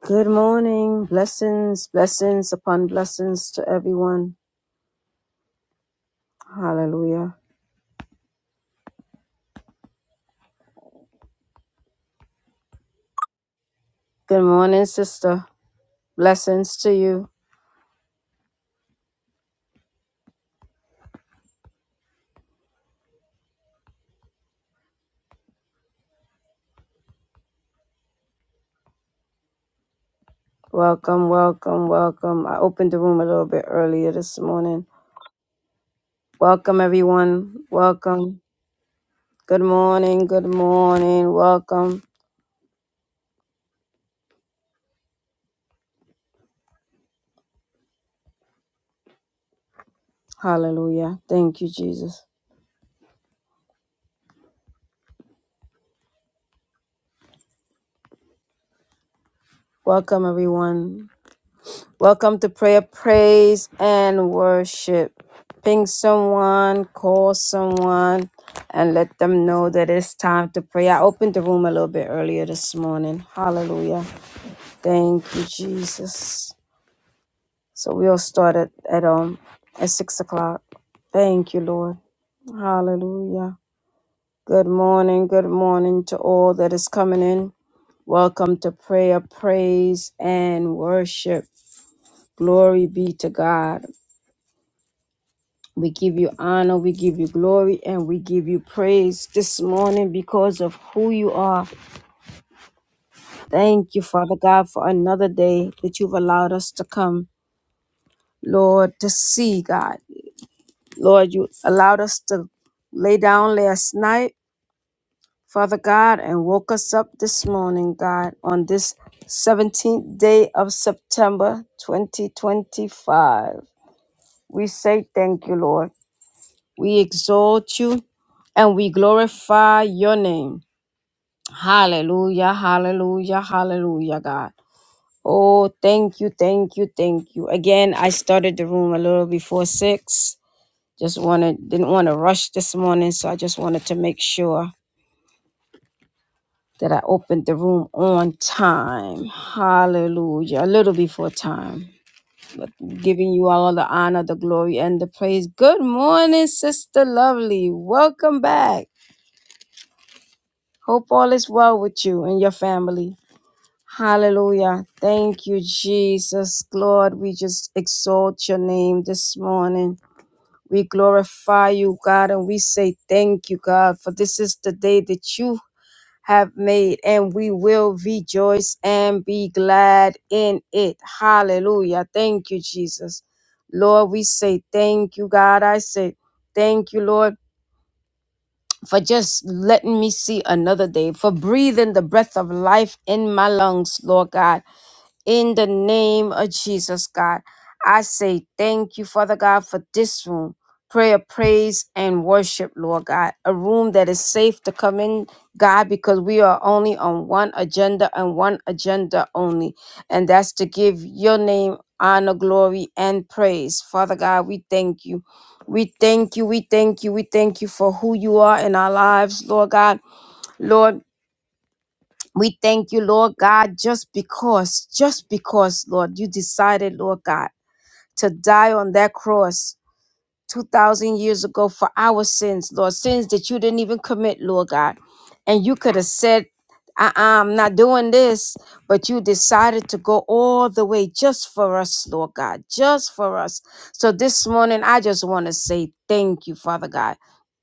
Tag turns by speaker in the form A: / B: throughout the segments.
A: Good morning. Blessings, blessings upon blessings to everyone. Hallelujah. Good morning, sister. Blessings to you. Welcome, welcome, welcome. I opened the room a little bit earlier this morning. Welcome, everyone. Welcome. Good morning, good morning. Welcome. Hallelujah. Thank you, Jesus. Welcome, everyone. Welcome to prayer, praise, and worship. Ping someone, call someone, and let them know that it's time to pray. I opened the room a little bit earlier this morning. Hallelujah. Thank you, Jesus. So we'll start at, at um at six o'clock. Thank you, Lord. Hallelujah. Good morning, good morning to all that is coming in. Welcome to prayer, praise, and worship. Glory be to God. We give you honor, we give you glory, and we give you praise this morning because of who you are. Thank you, Father God, for another day that you've allowed us to come, Lord, to see God. Lord, you allowed us to lay down last night, Father God, and woke us up this morning, God, on this 17th day of September 2025. We say thank you, Lord. We exalt you and we glorify your name. Hallelujah, hallelujah, hallelujah, God. Oh, thank you, thank you, thank you. Again, I started the room a little before six. Just wanted, didn't want to rush this morning, so I just wanted to make sure that I opened the room on time. Hallelujah, a little before time. But giving you all the honor, the glory, and the praise. Good morning, Sister Lovely. Welcome back. Hope all is well with you and your family. Hallelujah. Thank you, Jesus. Lord, we just exalt your name this morning. We glorify you, God, and we say thank you, God, for this is the day that you have made, and we will rejoice and be glad in it. Hallelujah. Thank you, Jesus. Lord, we say thank you, God. I say thank you, Lord for just letting me see another day, for breathing the breath of life in my lungs, Lord God. In the name of Jesus, God, I say thank you, Father God, for this room. Prayer, praise, and worship, Lord God. A room that is safe to come in, God, because we are only on one agenda and one agenda only. And that's to give your name honor, glory, and praise. Father God, we thank you. We thank you. We thank you. We thank you for who you are in our lives, Lord God. Lord, we thank you, Lord God, just because, just because, Lord, you decided, Lord God, to die on that cross 2,000 years ago for our sins, Lord, sins that you didn't even commit, Lord God. And you could have said, I- I'm not doing this, but you decided to go all the way just for us, Lord God, just for us. So this morning, I just want to say thank you, Father God.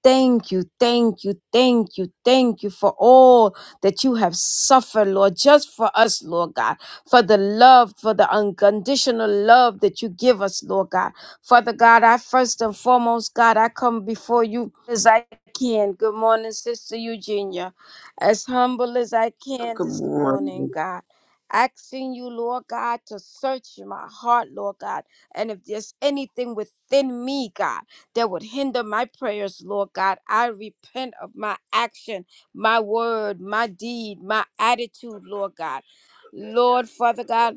A: Thank you, thank you, thank you, thank you for all that you have suffered, Lord, just for us, Lord God, for the love, for the unconditional love that you give us, Lord God. Father God, I first and foremost, God, I come before you as I can. Good morning, Sister Eugenia. As humble as I can
B: Good
A: this
B: morning.
A: morning, God. Asking you, Lord God, to search my heart, Lord God. And if there's anything within me, God, that would hinder my prayers, Lord God, I repent of my action, my word, my deed, my attitude, Lord God. Lord, Father God.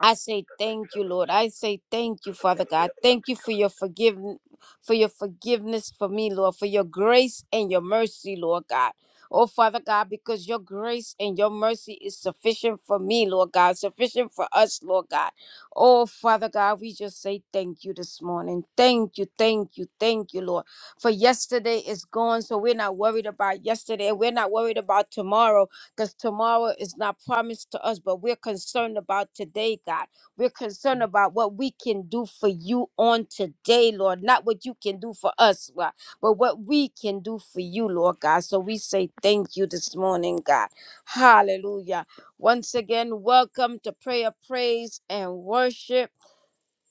A: I say thank you, Lord. I say thank you, Father God. Thank you for your forgiveness, for your forgiveness for me, Lord, for your grace and your mercy, Lord God. Oh, Father God, because your grace and your mercy is sufficient for me, Lord God, sufficient for us, Lord God. Oh, Father God, we just say thank you this morning. Thank you, thank you, thank you, Lord. For yesterday is gone, so we're not worried about yesterday. We're not worried about tomorrow because tomorrow is not promised to us, but we're concerned about today, God. We're concerned about what we can do for you on today, Lord. Not what you can do for us, Lord, but what we can do for you, Lord God. So we say thank you this morning, God. Hallelujah. Once again, welcome to Prayer, Praise, and Worship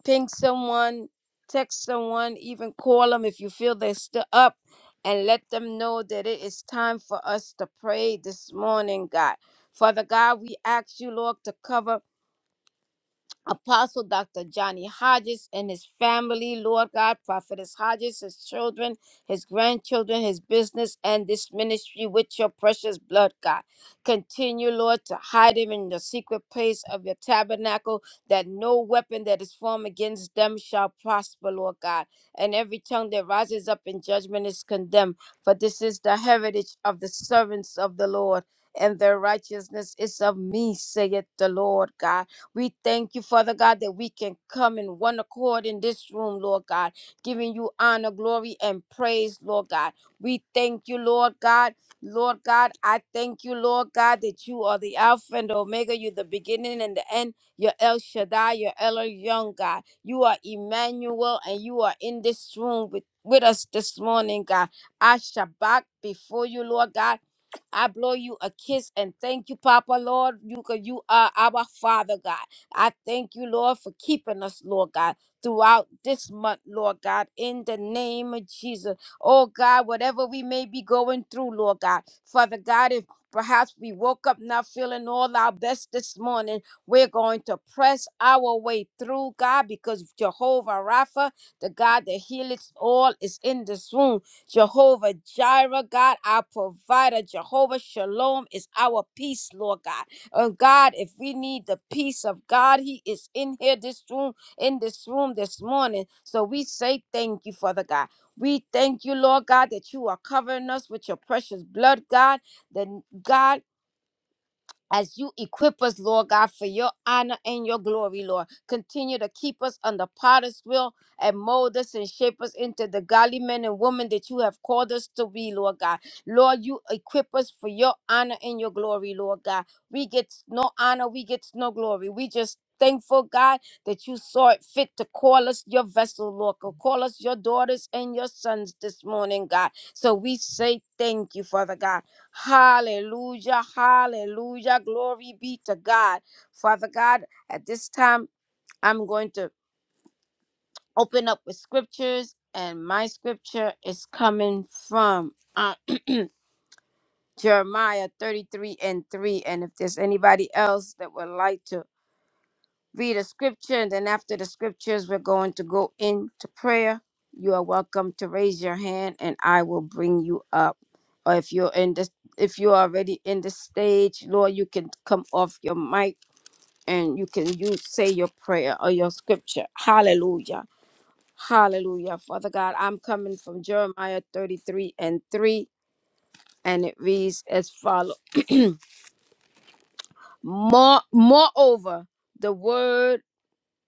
A: ping someone, text someone, even call them if you feel they're still up, and let them know that it is time for us to pray this morning, God. Father God, we ask you, Lord, to cover. Apostle Dr. Johnny Hodges and his family, Lord God, Prophetess Hodges, his children, his grandchildren, his business, and this ministry with your precious blood, God. Continue, Lord, to hide him in the secret place of your tabernacle, that no weapon that is formed against them shall prosper, Lord God. And every tongue that rises up in judgment is condemned. For this is the heritage of the servants of the Lord, and their righteousness is of me, saith the Lord God. We thank you, Father God, that we can come in one accord in this room, Lord God, giving you honor, glory, and praise, Lord God. We thank you, Lord God. Lord God, I thank you, Lord God, that you are the Alpha and the Omega. You're the beginning and the end. You're El Shaddai, you're El Young God. You are Emmanuel, and you are in this room with, with us this morning, God. I shabak before you, Lord God. I blow you a kiss and thank you, Papa, Lord. You, ca- you are our Father, God. I thank you, Lord, for keeping us, Lord God, throughout this month, Lord God, in the name of Jesus. Oh, God, whatever we may be going through, Lord God, Father God, if perhaps we woke up not feeling all our best this morning, we're going to press our way through, God, because Jehovah Rapha, the God that healeth all, is in this room. Jehovah Jireh, God, our provider. Jehovah Shalom is our peace, Lord God. Oh God, if we need the peace of God, He is in here this room, in this room this morning. So we say thank you, Father God. We thank you, Lord God, that you are covering us with your precious blood, God. That God as you equip us, Lord God, for your honor and your glory, Lord. Continue to keep us under potter's will and mold us and shape us into the godly men and women that you have called us to be, Lord God. Lord, you equip us for your honor and your glory, Lord God. We get no honor, we get no glory. We just Thankful God that you saw it fit to call us your vessel, Lord. to Call us your daughters and your sons this morning, God. So we say thank you, Father God. Hallelujah, hallelujah. Glory be to God. Father God, at this time, I'm going to open up with scriptures, and my scripture is coming from uh, Jeremiah 33 and 3. And if there's anybody else that would like to read a scripture, and then after the scriptures, we're going to go into prayer. You are welcome to raise your hand, and I will bring you up. Or if you're in this, if you're already in the stage, Lord, you can come off your mic and you can you say your prayer or your scripture. Hallelujah. Hallelujah. Father God, I'm coming from Jeremiah 33 and 3, and it reads as follows. More, moreover, the word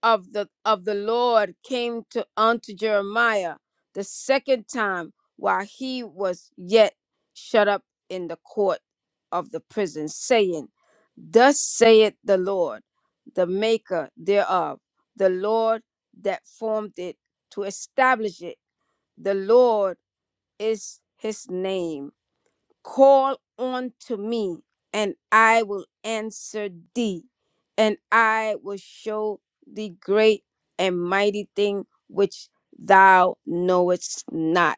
A: of the of the Lord came to unto Jeremiah the second time while he was yet shut up in the court of the prison, saying, Thus saith the Lord, the maker thereof, the Lord that formed it to establish it. The Lord is his name. Call unto me, and I will answer thee, and I will show thee great and mighty thing which thou knowest not.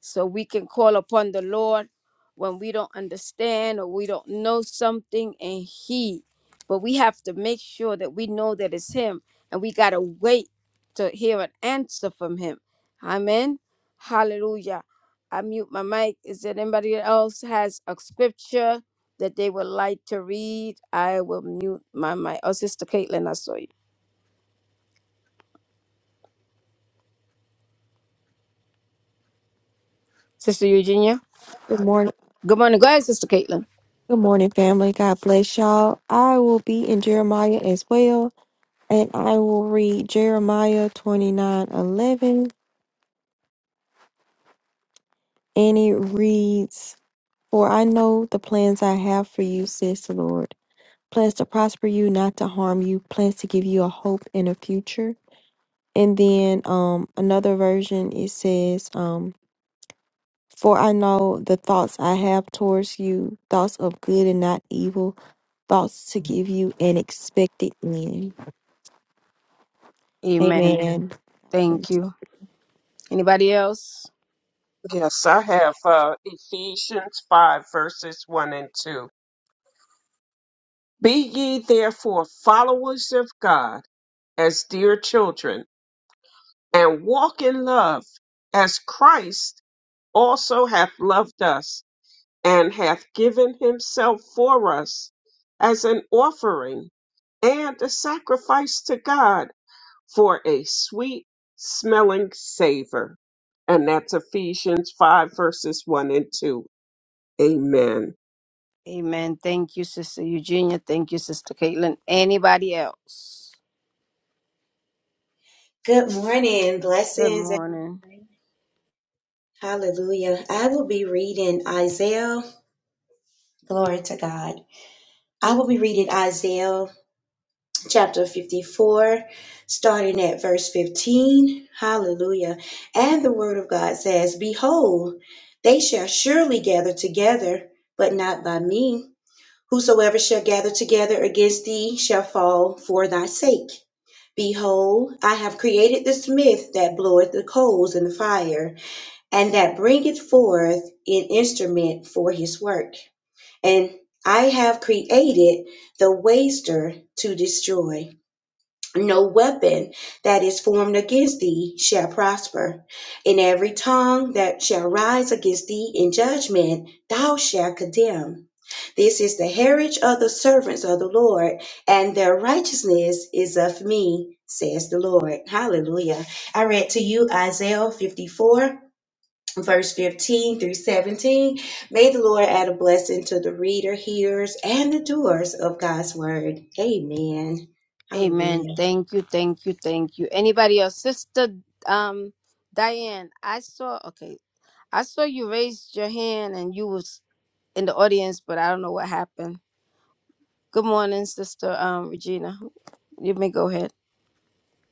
A: So we can call upon the Lord when we don't understand or we don't know something, and He, but we have to make sure that we know that it's Him, and we got to wait to hear an answer from Him. Amen. Hallelujah. I mute my mic. Is there anybody else has a scripture that they would like to read? I will mute my mic. Oh, Sister Caitlin, I saw you. Sister Eugenia.
C: Good morning.
A: Good morning. Go ahead, Sister Caitlin.
C: Good morning, family. God bless y'all. I will be in Jeremiah as well, and I will read Jeremiah 29 11. and it reads, For I know the plans I have for you, says the Lord. Plans to prosper you, not to harm you, plans to give you a hope and a future. And then um another version it says, um, For I know the thoughts I have towards you, thoughts of good and not evil, thoughts to give you an expected end.
A: Amen.
C: Amen.
A: Thank you. Anybody else?
B: Yes, I have uh, Ephesians 5, verses 1 and 2. Be ye therefore followers of God as dear children, and walk in love, as Christ also hath loved us, and hath given himself for us as an offering and a sacrifice to God for a sweet smelling savor. And that's Ephesians 5, verses 1 and 2. Amen.
A: Amen. Thank you, Sister Eugenia. Thank you, Sister Caitlin. Anybody else?
D: Good morning,
A: Good
D: blessings. and
A: morning.
D: Hallelujah. I will be reading Isaiah. Glory to God. I will be reading Isaiah chapter 54, starting at verse 15. Hallelujah. And the word of God says, Behold, they shall surely gather together, but not by me. Whosoever shall gather together against thee shall fall for thy sake. Behold, I have created the smith that bloweth the coals in the fire and that bringeth forth an instrument for his work. And I have created the waster to destroy. No weapon that is formed against thee shall prosper. In every tongue that shall rise against thee in judgment, thou shalt condemn. This is the heritage of the servants of the Lord, and their righteousness is of me, says the Lord. Hallelujah. I read to you Isaiah 54 verse 15 through 17. May the Lord add a blessing to the reader, hearers, and the doers of God's word. Amen. Hallelujah.
A: Amen. Thank you. Thank you. Thank you. Anybody else? Sister um Diane, I saw okay. I saw you raised your hand and you was in the audience, but I don't know what happened. Good morning, Sister um, Regina. You may go ahead.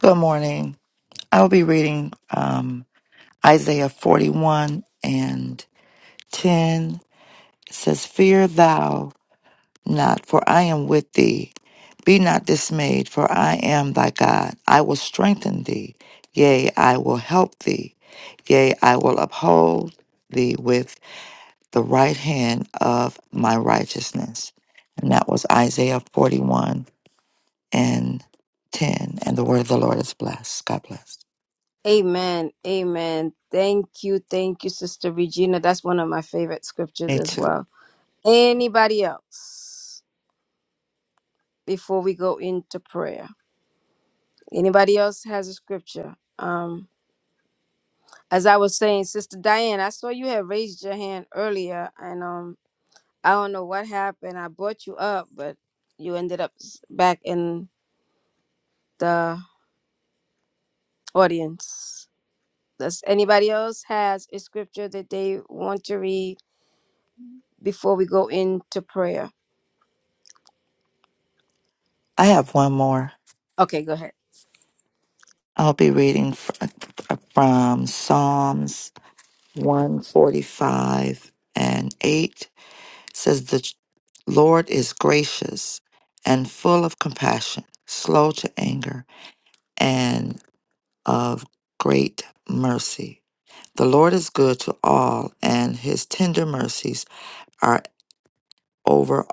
E: Good morning. I'll be reading um, Isaiah 41 and 10. It says, Fear thou not, for I am with thee. Be not dismayed, for I am thy God. I will strengthen thee. Yea, I will help thee. Yea, I will uphold thee with the right hand of my righteousness. And that was Isaiah 41 and 10. And the word of the Lord is blessed. God bless.
A: Amen. Amen. Thank you. Thank you, Sister Regina. That's one of my favorite scriptures
E: Me
A: as
E: too.
A: well. Anybody else before we go into prayer? Anybody else has a scripture? Um, as I was saying, Sister Diane, I saw you had raised your hand earlier, and um, I don't know what happened. I brought you up, but you ended up s- back in the audience. Does anybody else has a scripture that they want to read before we go into prayer?
E: I have one more.
A: Okay, go ahead.
E: I'll be reading fr- from Psalms 145 and 8 It says the Lord is gracious and full of compassion, slow to anger and of great mercy. The Lord is good to all and his tender mercies are over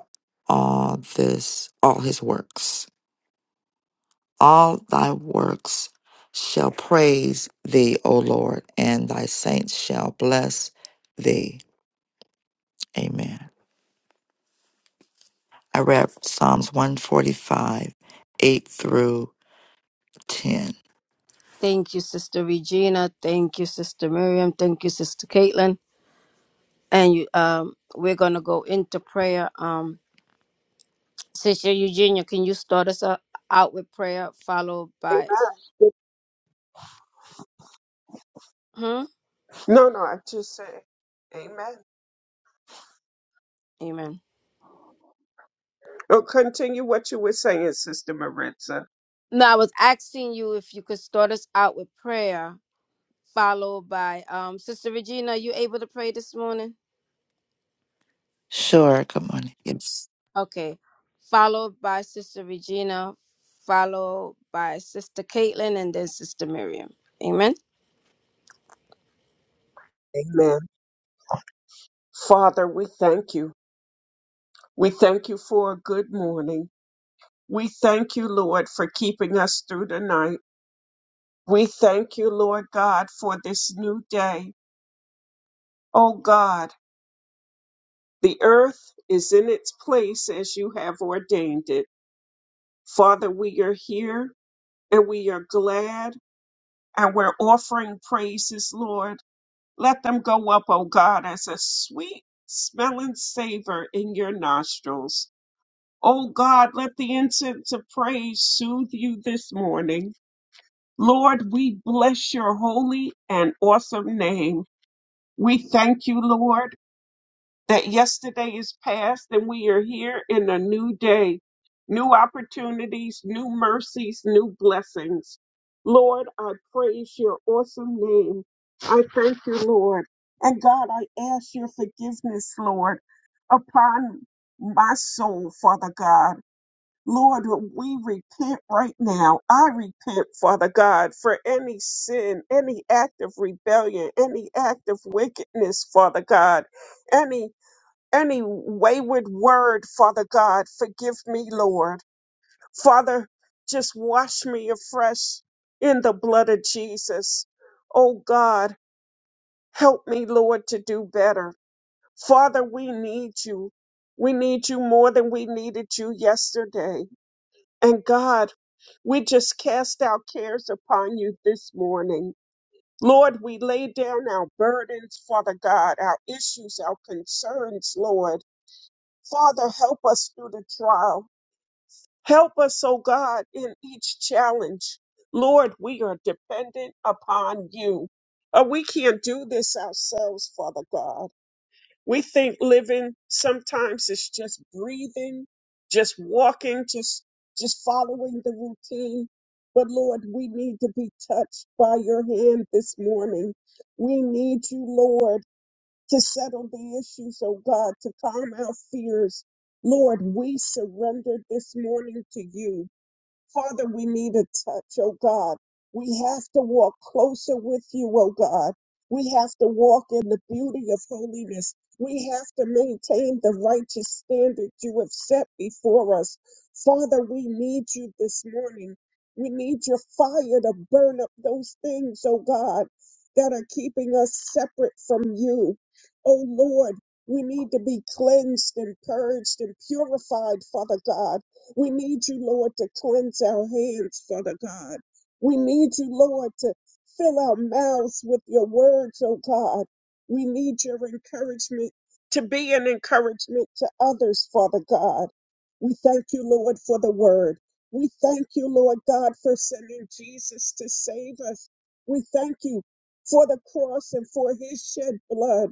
E: all this all his works. all thy works shall praise thee, O Lord, and thy saints shall bless thee. Amen. I read Psalms 145, 8 through 10.
A: Thank you, Sister Regina. Thank you, Sister Miriam. Thank you, Sister Caitlin. And you, um, we're gonna go into prayer. Um, Sister Eugenia, can you start us o- out with prayer, followed by,
B: Amen.
A: hmm,
B: No, no, I just said amen.
A: Amen.
B: Oh, continue what you were saying, Sister Maritza.
A: No, I was asking you if you could start us out with prayer, followed by, um, Sister Regina. Are you able to pray this morning?
E: Sure, good morning. Yes.
A: Okay. Followed by Sister Regina, followed by Sister Caitlin, and then Sister Miriam. Amen.
B: Amen. Father, we thank you. We thank you for a good morning. We thank you, Lord, for keeping us through the night. We thank you, Lord God, for this new day. Oh God, the earth is in its place as you have ordained it. Father, we are here and we are glad and we're offering praises, Lord. Let them go up, O God, as a sweet smelling savor in your nostrils. O God, let the incense of praise soothe you this morning. Lord, we bless your holy and awesome name. We thank you, Lord that yesterday is past and we are here in a new day, new opportunities, new mercies, new blessings. Lord, I praise your awesome name. I thank you, Lord. And God, I ask your forgiveness, Lord, upon my soul, Father God. Lord, we repent right now. I repent, Father God, for any sin, any act of rebellion, any act of wickedness, Father God, any any wayward word, Father God, forgive me, Lord. Father, just wash me afresh in the blood of Jesus. Oh God, help me, Lord, to do better. Father, we need you. We need you more than we needed you yesterday. And God, we just cast our cares upon you this morning. Lord, we lay down our burdens, Father God, our issues, our concerns, Lord. Father, help us through the trial. Help us, oh God, in each challenge. Lord, we are dependent upon you. Uh, we can't do this ourselves, Father God. We think living sometimes is just breathing, just walking, just just following the routine. But Lord, we need to be touched by your hand this morning. We need you, Lord to settle the issues, oh God, to calm our fears. Lord, we surrender this morning to you. Father, we need a touch, oh God. We have to walk closer with you, oh God. We have to walk in the beauty of holiness. We have to maintain the righteous standard you have set before us. Father, we need you this morning. We need your fire to burn up those things, oh God, that are keeping us separate from you. Oh Lord, we need to be cleansed and purged and purified, Father God. We need you, Lord, to cleanse our hands, Father God. We need you, Lord, to fill our mouths with your words, oh God. We need your encouragement to be an encouragement to others, Father God. We thank you, Lord, for the word. We thank you, Lord God, for sending Jesus to save us. We thank you for the cross and for his shed blood.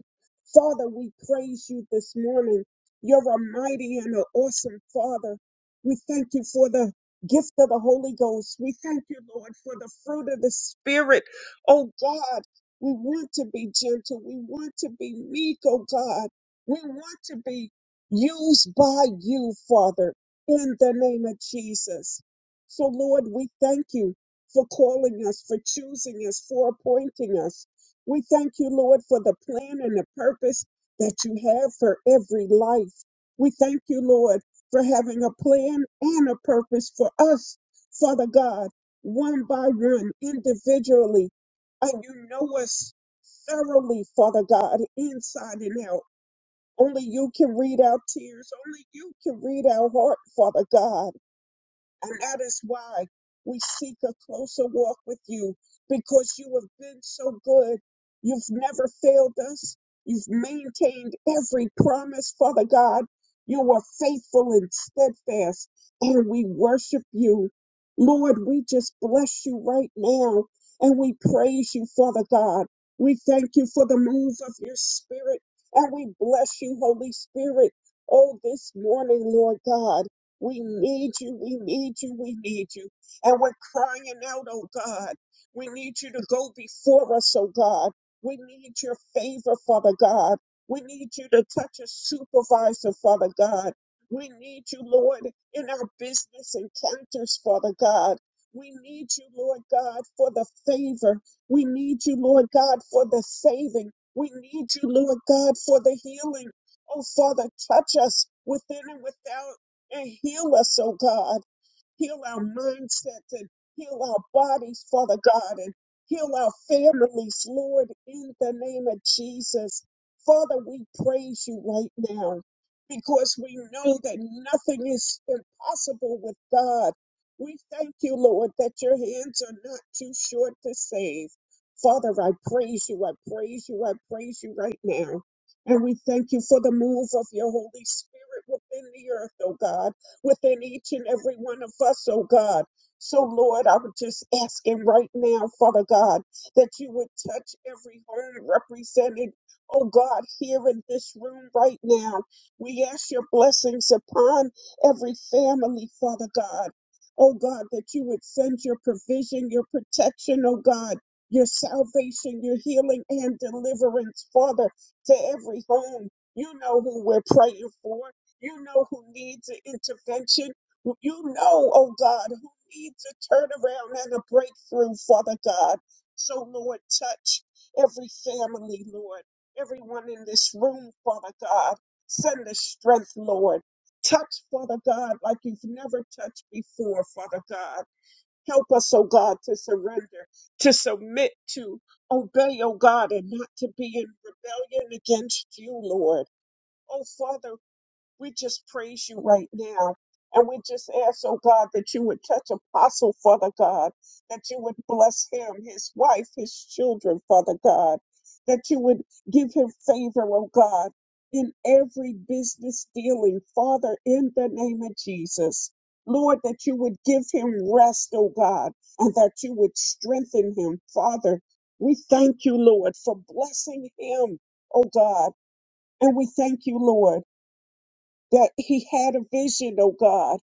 B: Father, we praise you this morning. You're a mighty and an awesome Father. We thank you for the gift of the Holy Ghost. We thank you, Lord, for the fruit of the Spirit. Oh God, we want to be gentle. We want to be meek, oh God. We want to be used by you, Father, in the name of Jesus. So, Lord, we thank you for calling us, for choosing us, for appointing us. We thank you, Lord, for the plan and the purpose that you have for every life. We thank you, Lord for having a plan and a purpose for us, Father God, one by one, individually. And you know us thoroughly, Father God, inside and out. Only you can read our tears. Only you can read our heart, Father God. And that is why we seek a closer walk with you because you have been so good. You've never failed us. You've maintained every promise, Father God. You are faithful and steadfast, and we worship you. Lord, we just bless you right now and we praise you, Father God. We thank you for the move of your spirit and we bless you, Holy Spirit. Oh, this morning, Lord God. We need you, we need you, we need you. And we're crying out, oh God. We need you to go before us, oh God. We need your favor, Father God. We need you to touch a supervisor, Father God. We need you, Lord, in our business encounters, Father God. We need you, Lord God, for the favor. We need you, Lord God, for the saving. We need you, Lord God, for the healing. Oh, Father, touch us within and without and heal us, oh God. Heal our mindsets and heal our bodies, Father God, and heal our families, Lord, in the name of Jesus. Father, we praise you right now because we know that nothing is impossible with God. We thank you, Lord, that your hands are not too short to save. Father, I praise you, I praise you, I praise you right now. And we thank you for the move of your Holy Spirit within the earth, oh God within each and every one of us, oh God. So, Lord, I'm just asking right now, Father God, that you would touch every home represented, oh God, here in this room right now. We ask your blessings upon every family, Father God. Oh God, that you would send your provision, your protection, oh God, your salvation, your healing and deliverance, Father, to every home. You know who we're praying for. You know who needs an intervention. You know, oh God, who needs a turnaround and a breakthrough, Father God. So, Lord, touch every family, Lord, everyone in this room, Father God. Send the strength, Lord. Touch, Father God, like you've never touched before, Father God. Help us, oh God, to surrender, to submit to, obey, oh God, and not to be in rebellion against you, Lord. Oh, Father, we just praise you right now. And we just ask, oh God, that you would touch Apostle, Father God, that you would bless him, his wife, his children, Father God, that you would give him favor, oh God, in every business dealing, Father, in the name of Jesus. Lord, that you would give him rest, oh God, and that you would strengthen him, Father. We thank you, Lord, for blessing him, oh God. And we thank you, Lord that he had a vision, oh God,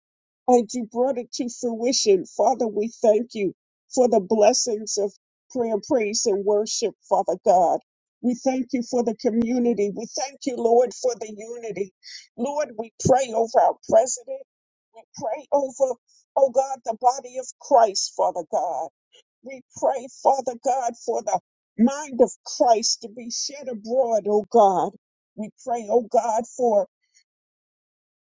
B: and you brought it to fruition. Father, we thank you for the blessings of prayer, praise, and worship, Father God. We thank you for the community. We thank you, Lord, for the unity. Lord, we pray over our president. We pray over, oh God, the body of Christ, Father God. We pray, Father God, for the mind of Christ to be shed abroad, oh God. We pray, oh God, for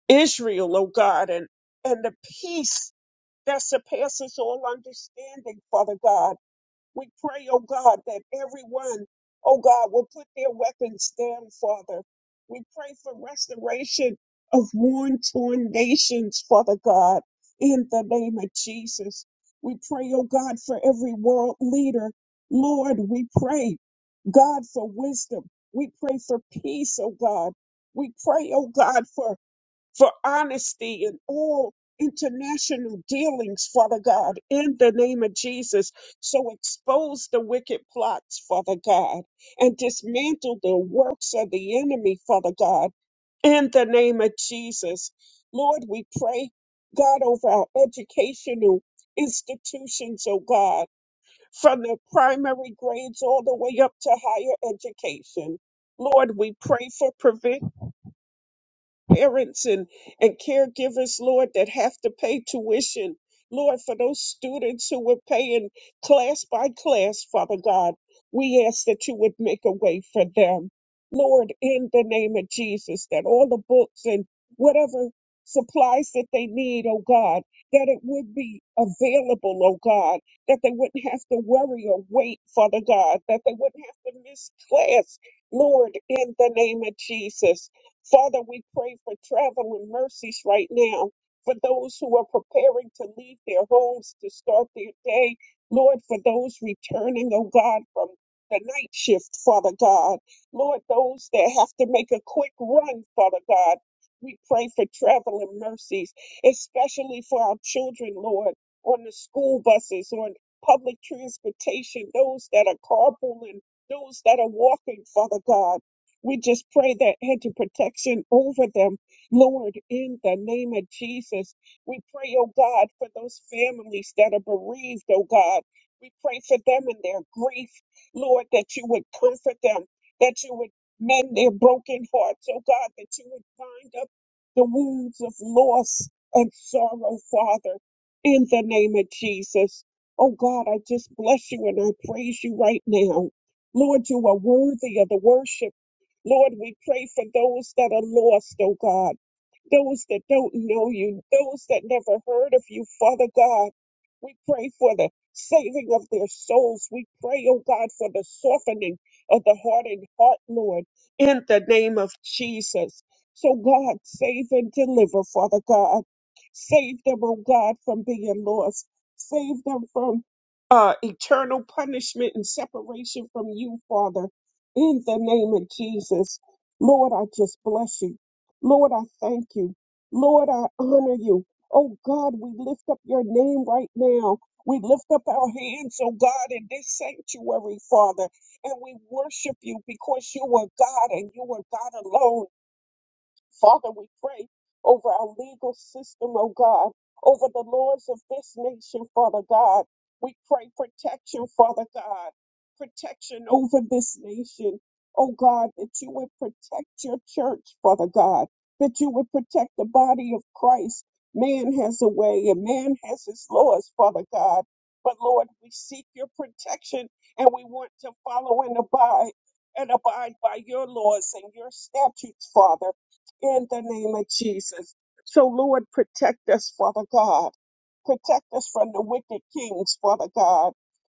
B: Israel, oh God, and, and the peace that surpasses all understanding, Father God. We pray, oh God, that everyone, oh God, will put their weapons down, Father. We pray for restoration of worn, torn nations, Father God, in the name of Jesus. We pray, oh God, for every world leader. Lord, we pray, God, for wisdom. We pray for peace, oh God. We pray, oh God, for for honesty in all international dealings, Father God, in the name of Jesus. So expose the wicked plots, Father God, and dismantle the works of the enemy, Father God, in the name of Jesus. Lord, we pray, God, over our educational institutions, oh God, from the primary grades all the way up to higher education. Lord, we pray for provision parents and, and caregivers, Lord, that have to pay tuition. Lord, for those students who were paying class by class, Father God, we ask that you would make a way for them. Lord, in the name of Jesus, that all the books and whatever supplies that they need, oh God, that it would be available, oh God, that they wouldn't have to worry or wait, Father God, that they wouldn't have to miss class, Lord, in the name of Jesus. Father, we pray for traveling mercies right now for those who are preparing to leave their homes to start their day. Lord, for those returning, oh God, from the night shift, Father God. Lord, those that have to make a quick run, Father God. We pray for traveling mercies, especially for our children, Lord, on the school buses, on public transportation, those that are carpooling, those that are walking, Father God. We just pray that hedge of protection over them, Lord, in the name of Jesus. We pray, oh God, for those families that are bereaved, oh God. We pray for them in their grief, Lord, that you would comfort them, that you would mend their broken hearts, oh God, that you would bind up the wounds of loss and sorrow, Father, in the name of Jesus. Oh God, I just bless you and I praise you right now. Lord, you are worthy of the worship. Lord, we pray for those that are lost, oh God, those that don't know you, those that never heard of you, Father God. We pray for the saving of their souls. We pray, oh God, for the softening of the hardened heart, Lord, in the name of Jesus. So, God, save and deliver, Father God. Save them, oh God, from being lost. Save them from uh, eternal punishment and separation from you, Father. In the name of Jesus, Lord, I just bless you. Lord, I thank you. Lord, I honor you. Oh God, we lift up your name right now. We lift up our hands, oh God, in this sanctuary, Father, and we worship you because you are God and you are God alone. Father, we pray over our legal system, oh God, over the laws of this nation, Father God. We pray protection, Father God, protection over this nation, oh God, that you would protect your church, Father God, that you would protect the body of Christ. Man has a way and man has his laws, Father God. But Lord, we seek your protection and we want to follow and abide and abide by your laws and your statutes, Father in the name of Jesus. So, Lord, protect us, Father God. Protect us from the wicked kings, Father God.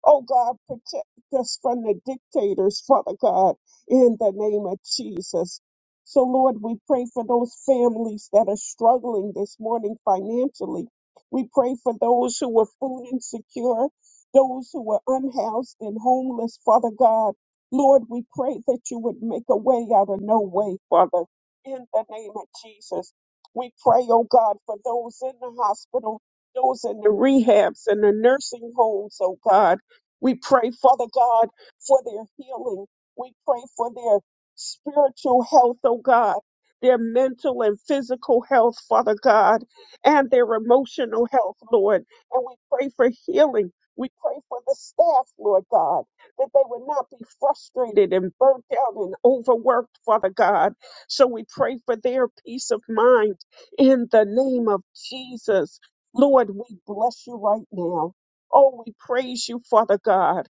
B: Oh, God, protect us from the dictators, Father God, in the name of Jesus. So, Lord, we pray for those families that are struggling this morning financially. We pray for those who are food insecure, those who are unhoused and homeless, Father God. Lord, we pray that you would make a way out of no way, Father in the name of Jesus. We pray, oh God, for those in the hospital, those in the rehabs and the nursing homes, oh God. We pray, Father God, for their healing. We pray for their spiritual health, oh God, their mental and physical health, Father God, and their emotional health, Lord. And we pray for healing. We pray for the staff, Lord God, that they would not be frustrated and burnt out and overworked, Father God so we pray for their peace of mind in the name of Jesus. Lord, we bless you right now. Oh, we praise you, Father God.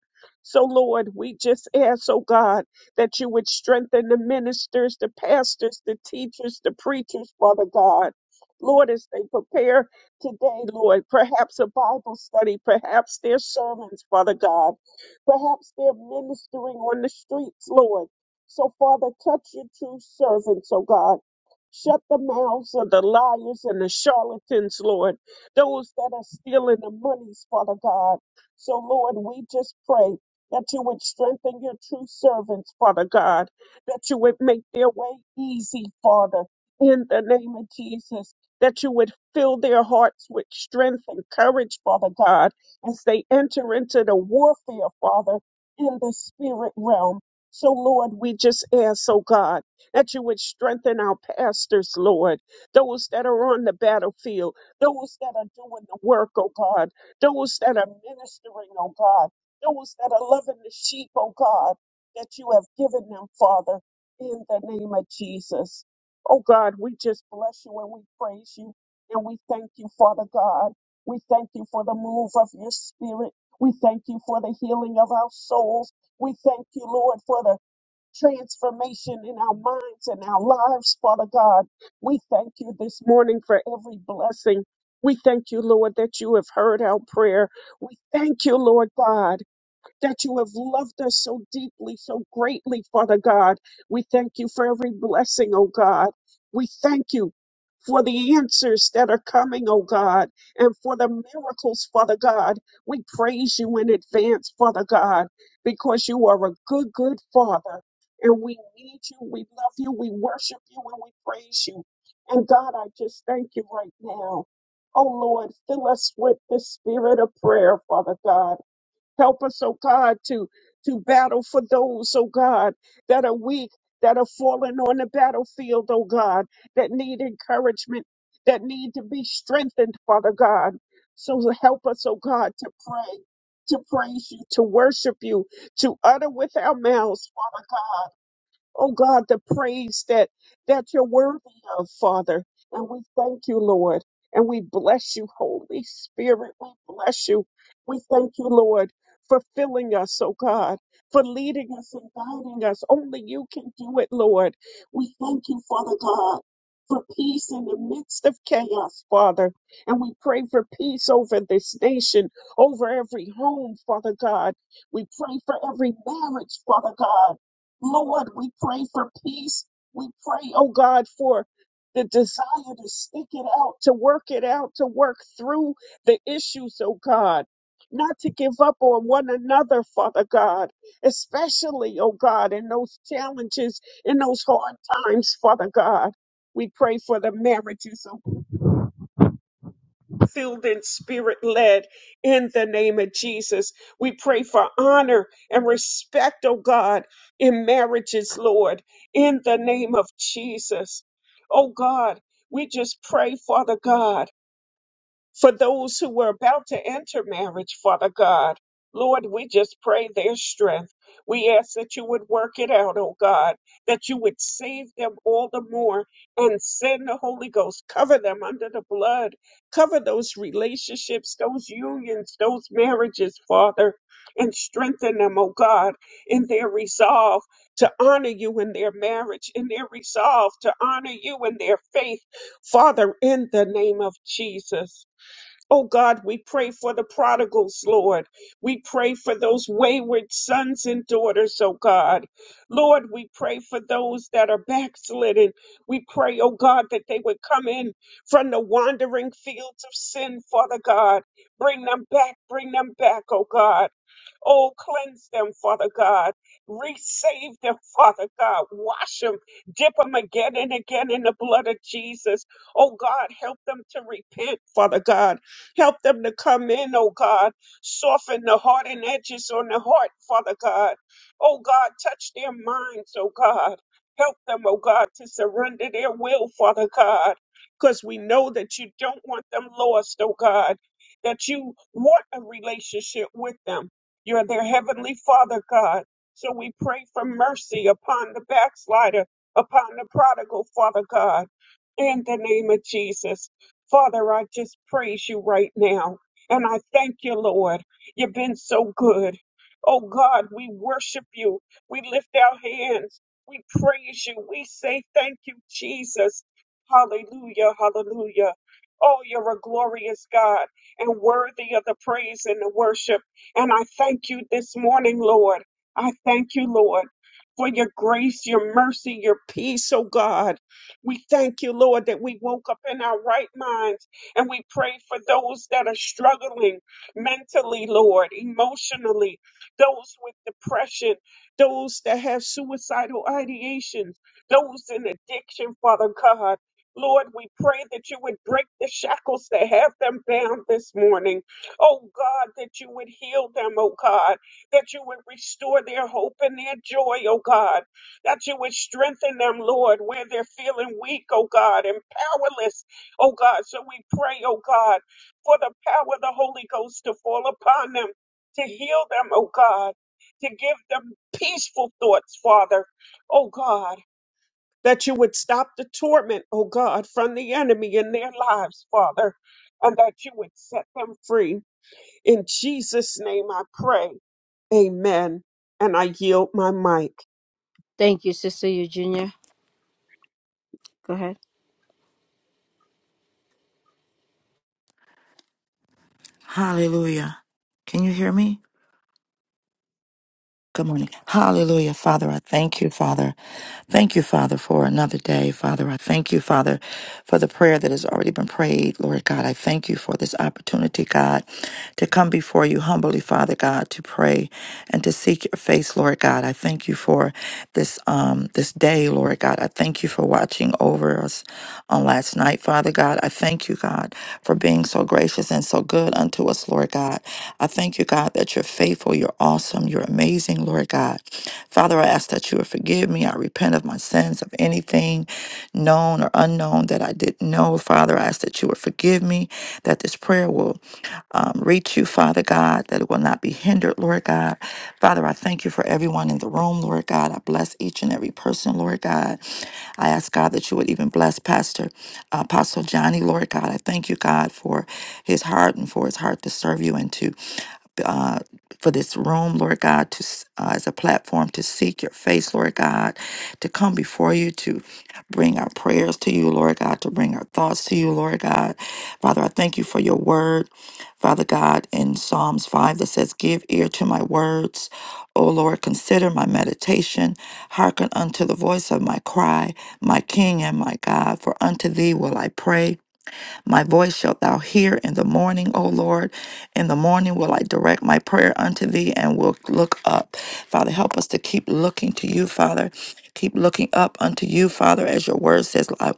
B: So, Lord, we just ask, oh God, that you would strengthen the ministers, the pastors, the teachers, the preachers, Father God. Lord, as they prepare today, Lord, perhaps a Bible study, perhaps their sermons, Father God, perhaps they're ministering on the streets, Lord. So, Father, touch your true servants, oh God. Shut the mouths of the liars and the charlatans, Lord. Those that are stealing the monies, Father God. So, Lord, we just pray that you would strengthen your true servants, Father God. That you would make their way easy, Father, in the name of Jesus. That you would fill their hearts with strength and courage, Father God, as they enter into the warfare, Father, in the spirit realm. So, Lord, we just ask, oh God, that you would strengthen our pastors, Lord, those that are on the battlefield, those that are doing the work, oh God, those that are ministering, oh God, those that are loving the sheep, oh God, that you have given them, Father, in the name of Jesus. Oh God, we just bless you and we praise you and we thank you, Father God. We thank you for the move of your spirit. We thank you for the healing of our souls. We thank you, Lord, for the transformation in our minds and our lives, Father God. We thank you this morning for every blessing. We thank you, Lord, that you have heard our prayer. We thank you, Lord God that you have loved us so deeply, so greatly, Father God. We thank you for every blessing, oh God. We thank you for the answers that are coming, oh God, and for the miracles, Father God. We praise you in advance, Father God, because you are a good, good Father. And we need you, we love you, we worship you, and we praise you. And God, I just thank you right now. Oh Lord, fill us with the spirit of prayer, Father God. Help us, oh God, to, to battle for those, oh God, that are weak, that are fallen on the battlefield, oh God, that need encouragement, that need to be strengthened, Father God. So help us, oh God, to pray, to praise you, to worship you, to utter with our mouths, Father God. Oh God, the praise that that you're worthy of, Father. And we thank you, Lord. And we bless you, Holy Spirit. We bless you. We thank you, Lord, for filling us, oh God, for leading us and guiding us. Only you can do it, Lord. We thank you, Father God. For peace in the midst of chaos, Father. And we pray for peace over this nation, over every home, Father God. We pray for every marriage, Father God. Lord, we pray for peace. We pray, oh God, for the desire to stick it out, to work it out, to work through the issues, oh God. Not to give up on one another, Father God, especially, oh God, in those challenges, in those hard times, Father God. We pray for the marriages, oh filled and spirit led in the name of Jesus. We pray for honor and respect, oh God, in marriages, Lord, in the name of Jesus. Oh God, we just pray, Father God. For those who were about to enter marriage, Father God, Lord, we just pray their strength. We ask that you would work it out, oh God, that you would save them all the more and send the Holy Ghost. Cover them under the blood. Cover those relationships, those unions, those marriages, Father, and strengthen them, oh God, in their resolve to honor you in their marriage, in their resolve to honor you in their faith, Father, in the name of Jesus. Oh God, we pray for the prodigals, Lord. We pray for those wayward sons and daughters, oh God. Lord, we pray for those that are backslidden. We pray, oh God, that they would come in from the wandering fields of sin, Father God. Bring them back, bring them back, oh God. Oh, cleanse them, Father God. Resave them, Father God. Wash them. Dip them again and again in the blood of Jesus. Oh, God, help them to repent, Father God. Help them to come in, oh, God. Soften the heart and edges on the heart, Father God. Oh, God, touch their minds, oh, God. Help them, oh, God, to surrender their will, Father God. Because we know that you don't want them lost, oh, God. That you want a relationship with them you're their heavenly Father, God. So we pray for mercy upon the backslider, upon the prodigal, Father God, in the name of Jesus. Father, I just praise you right now. And I thank you, Lord. You've been so good. Oh God, we worship you. We lift our hands. We praise you. We say thank you, Jesus. Hallelujah, hallelujah. Oh, you're a glorious God and worthy of the praise and the worship. And I thank you this morning, Lord. I thank you, Lord, for your grace, your mercy, your peace, oh God. We thank you, Lord, that we woke up in our right minds and we pray for those that are struggling mentally, Lord, emotionally, those with depression, those that have suicidal ideations, those in addiction, Father God. Lord, we pray that you would break the shackles that have them bound this morning. Oh God, that you would heal them, oh God, that you would restore their hope and their joy, oh God, that you would strengthen them, Lord, where they're feeling weak, oh God, and powerless, oh God. So we pray, oh God, for the power of the Holy Ghost to fall upon them, to heal them, oh God, to give them peaceful thoughts, Father, oh God. That you would stop the torment, oh God, from the enemy in their lives, Father, and that you would set them free in Jesus' name I pray. Amen. And I yield my mic.
A: Thank you, Sister Eugenia. Go ahead.
E: Hallelujah. Can you hear me? Good morning. Hallelujah. Father, I thank you, Father. Thank you, Father, for another day. Father, I thank you, Father, for the prayer that has already been prayed. Lord God, I thank you for this opportunity, God, to come before you humbly, Father God, to pray and to seek your face, Lord God. I thank you for this um this day, Lord God. I thank you for watching over us on last night, Father God. I thank you, God, for being so gracious and so good unto us, Lord God. I thank you, God, that you're faithful, you're awesome, you're amazing, Lord God. Father, I ask that you would forgive me. I repent of my sins, of anything known or unknown that I didn't know. Oh, Father, I ask that you would forgive me, that this prayer will um, reach you, Father God, that it will not be hindered, Lord God. Father, I thank you for everyone in the room, Lord God. I bless each and every person, Lord God. I ask God that you would even bless Pastor uh, Apostle Johnny, Lord God. I thank you, God, for his heart and for his heart to serve you and to uh, for this room, Lord God, to s- uh, as a platform to seek your face, Lord God, to come before you, to bring our prayers to you, Lord God, to bring our thoughts to you, Lord God. Father, I thank you for your word, Father God, in Psalms 5 that says, Give ear to my words. O Lord, consider my meditation. Hearken unto the voice of my cry, my King and my God, for unto thee will I pray. My voice shalt thou hear in the morning, O Lord. In the morning will I direct my prayer unto thee and will look up. Father, help us to keep looking to you, Father. Keep looking up unto you, Father, as your word says, I,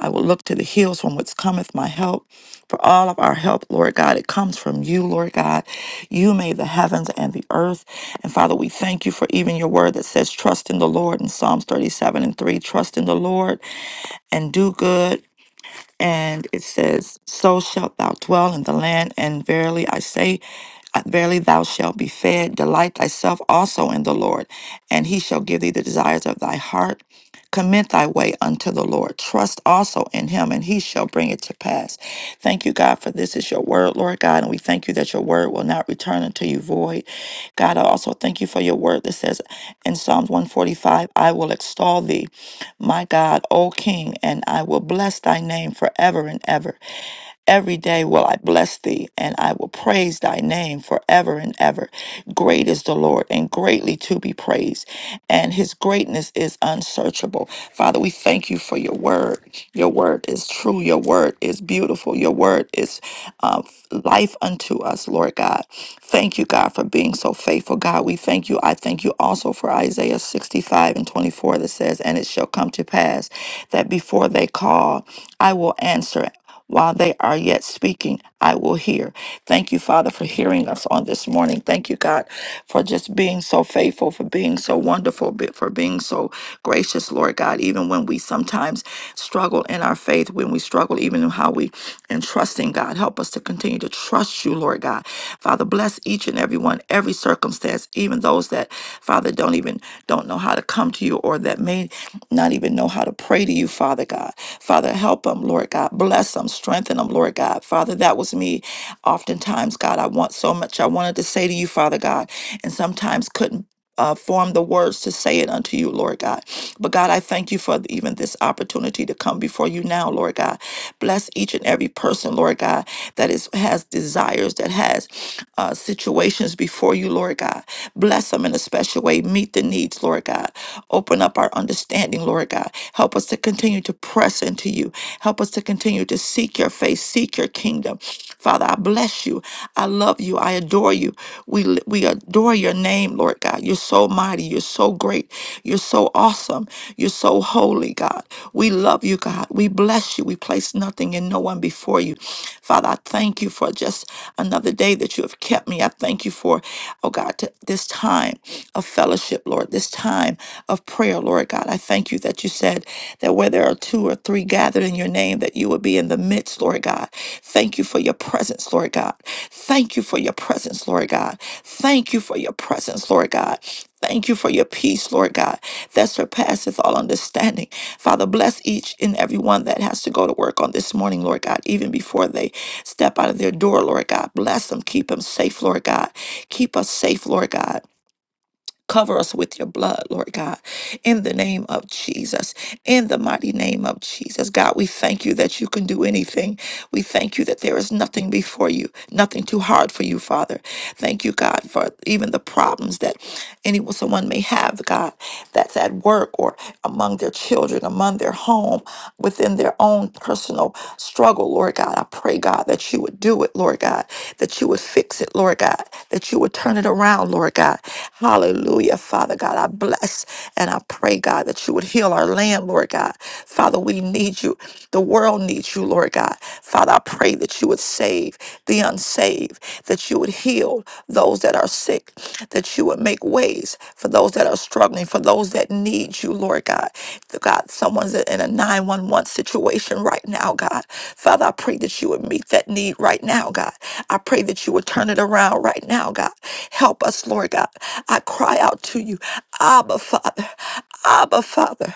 E: I will look to the hills from which cometh my help. For all of our help, Lord God, it comes from you, Lord God. You made the heavens and the earth. And Father, we thank you for even your word that says, Trust in the Lord in Psalms 37 and 3. Trust in the Lord and do good and it says, So shalt thou dwell in the land, and verily I say, uh, Verily thou shalt be fed. Delight thyself also in the Lord, and he shall give thee the desires of thy heart. Commit thy way unto the Lord. Trust also in him, and he shall bring it to pass. Thank you, God, for this is your word, Lord God, and we thank you that your word will not return unto you void. God, I also thank you for your word that says in Psalms 145, I will extol thee my God, O King, and I will bless thy name forever and ever. Every day will I bless thee, and I will praise thy name forever and ever. Great is the Lord, and greatly to be praised, and his greatness is unsearchable. Father, we thank you for your word. Your word is true. Your word is beautiful. Your word is uh, life unto us, Lord God. Thank you, God, for being so faithful, God. We thank you. I thank you also for Isaiah 65 and 24 that says, And it shall come to pass that before they call, I will answer. While they are yet speaking, I will hear. Thank you, Father, for hearing us on this morning. Thank you, God, for just being so faithful, for being so wonderful, be- for being so gracious, Lord God, even when we sometimes struggle in our faith, when we struggle even in how we and trusting God. Help us to continue to trust you, Lord God. Father, bless each and every one, every circumstance, even those that, Father, don't even don't know how to come to you or that may not even know how to pray to you, Father God. Father, help them, Lord God. Bless them, strengthen them, Lord God. Father, that was me oftentimes, God. I want so much I wanted to say to you, Father God, and sometimes couldn't. Uh, form the words to say it unto you, Lord God. But God, I thank you for even this opportunity to come before you now, Lord God. Bless each and every person, Lord God, that is has desires, that has uh, situations situations before you, Lord God. Bless them in a special way. Meet the needs, Lord God. Open up our understanding, Lord God. Help us to continue to press into you. Help us to continue to seek your face, seek your kingdom. Father, I bless you. I love you. I adore you. We, li- we adore your name, Lord God. You're so mighty. You're so great. You're so awesome. You're so holy, God. We love you, God. We bless bless you. We place nothing and no one before you. Father, I thank you for just another day that you have kept me. I thank you for, oh God, t- this time of fellowship, Lord, this time of prayer, Lord God. I thank you that you said that where there are two or three gathered in your name, that you will be in the midst, Lord God. Thank you for your presence, Lord God. Thank you for your presence, Lord God. Thank you for your presence, Lord God. Thank you for your peace, Lord God, that surpasseth all understanding. Father, bless each and every one that has to go to work on this morning, Lord God, even before they step out of their door, Lord God. Bless them, keep them safe, Lord God. Keep us safe, Lord God. Cover us with your blood, Lord God, in the name of Jesus in the mighty name of Jesus. God, we thank you that you can do anything. We thank you that there is nothing before you, nothing too hard for you, Father. Thank you, God, for even the problems that anyone, someone may have, God, that's at work or among their children, among their home, within their own personal struggle, Lord God. I pray, God, that you would do it, Lord God, that you would fix it, Lord God, that you would turn it around, Lord God. Hallelujah, Father God. I bless. And I pray, God, that you would heal our land, Lord God. Father, we need you. The world needs you, Lord God. Father, I pray that you would save the unsaved, that you would heal those that are sick, that you would make ways for those that are struggling, for those that need you, Lord God. God, someone's in a 911 situation right now, God. Father, I pray that you would meet that need right now, God. I pray that you would turn it around right now, God. Help us, Lord God. I cry out to you, Abba, Father, Abba, Father.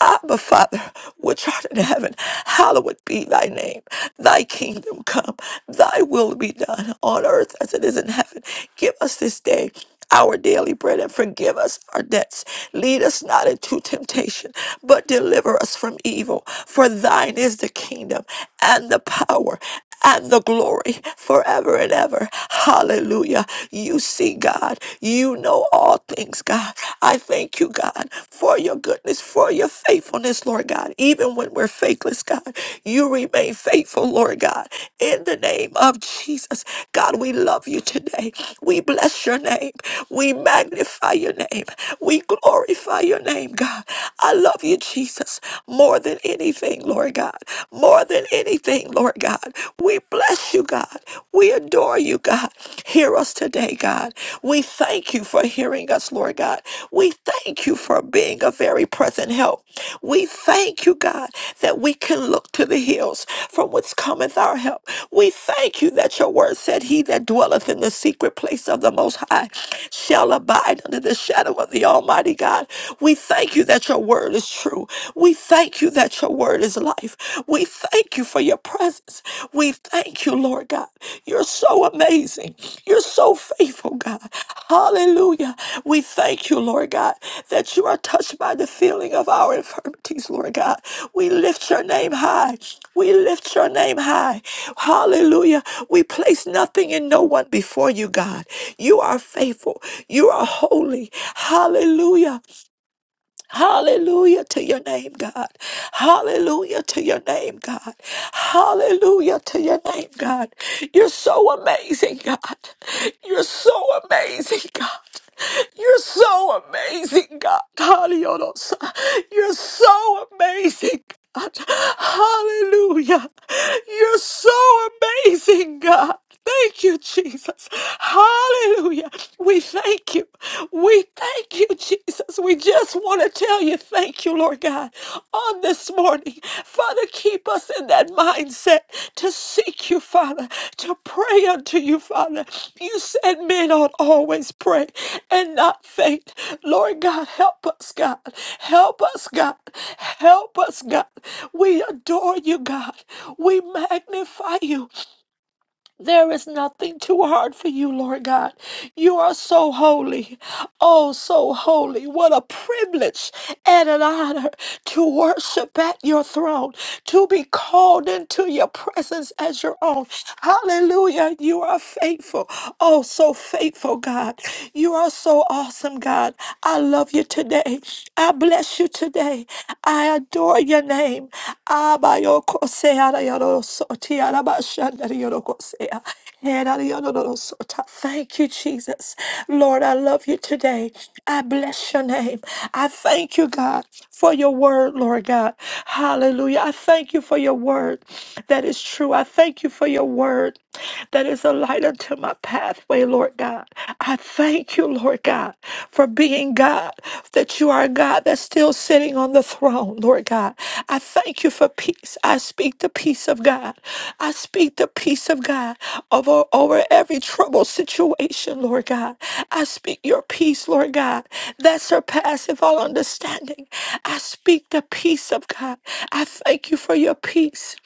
E: Abba, Father, which art in heaven, hallowed be thy name. Thy kingdom come, thy will be done on earth as it is in heaven. Give us this day our daily bread and forgive us our debts. Lead us not into temptation, but deliver us from evil. For thine is the kingdom and the power and the glory forever and ever. Hallelujah. You see, God, you know all things, God. I thank you, God, for your goodness, for your faithfulness, Lord God. Even when we're faithless, God, you you remain faithful, Lord God. In the name of Jesus, God, we love you today. We bless your name. We magnify your name. We glorify your name, God. I love you, Jesus, more than anything, Lord God. More than anything, Lord God. We bless you, God. We adore you, God. Hear us today, God. We thank you for hearing us, Lord. Lord God. We thank you for being a very present help. We thank you, God, that we can look to the hills from whence cometh our help. We thank you that your word said, He that dwelleth in the secret place of the Most High shall abide under the shadow of the Almighty God. We thank you that your word is true. We thank you that your word is life. We thank you for your presence. We thank you, Lord God. You're so amazing. You're so faithful, God. Hallelujah. We thank you, Lord God, that you are touched by the feeling of our infirmities, Lord God. We lift your name high. We lift your name high. Hallelujah. We place nothing and no one before you, God. You are faithful. You are holy. Hallelujah. Hallelujah to your name, God. Hallelujah to your name, God. Hallelujah to your name, God. You're so amazing, God. You're so amazing, God. You're so amazing, God. Hallelujah. You're so amazing, God. Hallelujah. You're so amazing, God. Thank you, Jesus. Hallelujah. We thank you. We thank you, Jesus. We just want to tell you thank you, Lord God, on this morning. Father, keep us in that mindset to seek you, Father, to pray unto you, Father. You said men ought always pray and not faint. Lord God, help us, God. Help us, God. Help us, God. We adore you, God. We magnify you. There is nothing too hard for you, Lord God. You are so holy. Oh, so holy. What a privilege and an honor to worship at your throne, to be called into your presence as your own. Hallelujah. You are faithful. Oh, so faithful, God. You are so awesome, God. I love you today. I bless bless you today. I adore your name. Abayokosea rayorosoti, arabashandariyokosea, herariyorosota. Thank you, Jesus. Lord, I love you today. I bless your name. I thank you, God, for your word, Lord God. Hallelujah. I thank you for your word that is true. I thank you for your word that is a light unto my pathway, Lord God. I thank you, Lord God, for being God, that you are a God that's still sitting on the throne, Lord God. I thank you for peace. I speak the peace of God. I speak the peace of God over, over every troubled situation, Lord God. I speak your peace, Lord God, that surpasses all understanding. I speak the peace of God. I thank you for your peace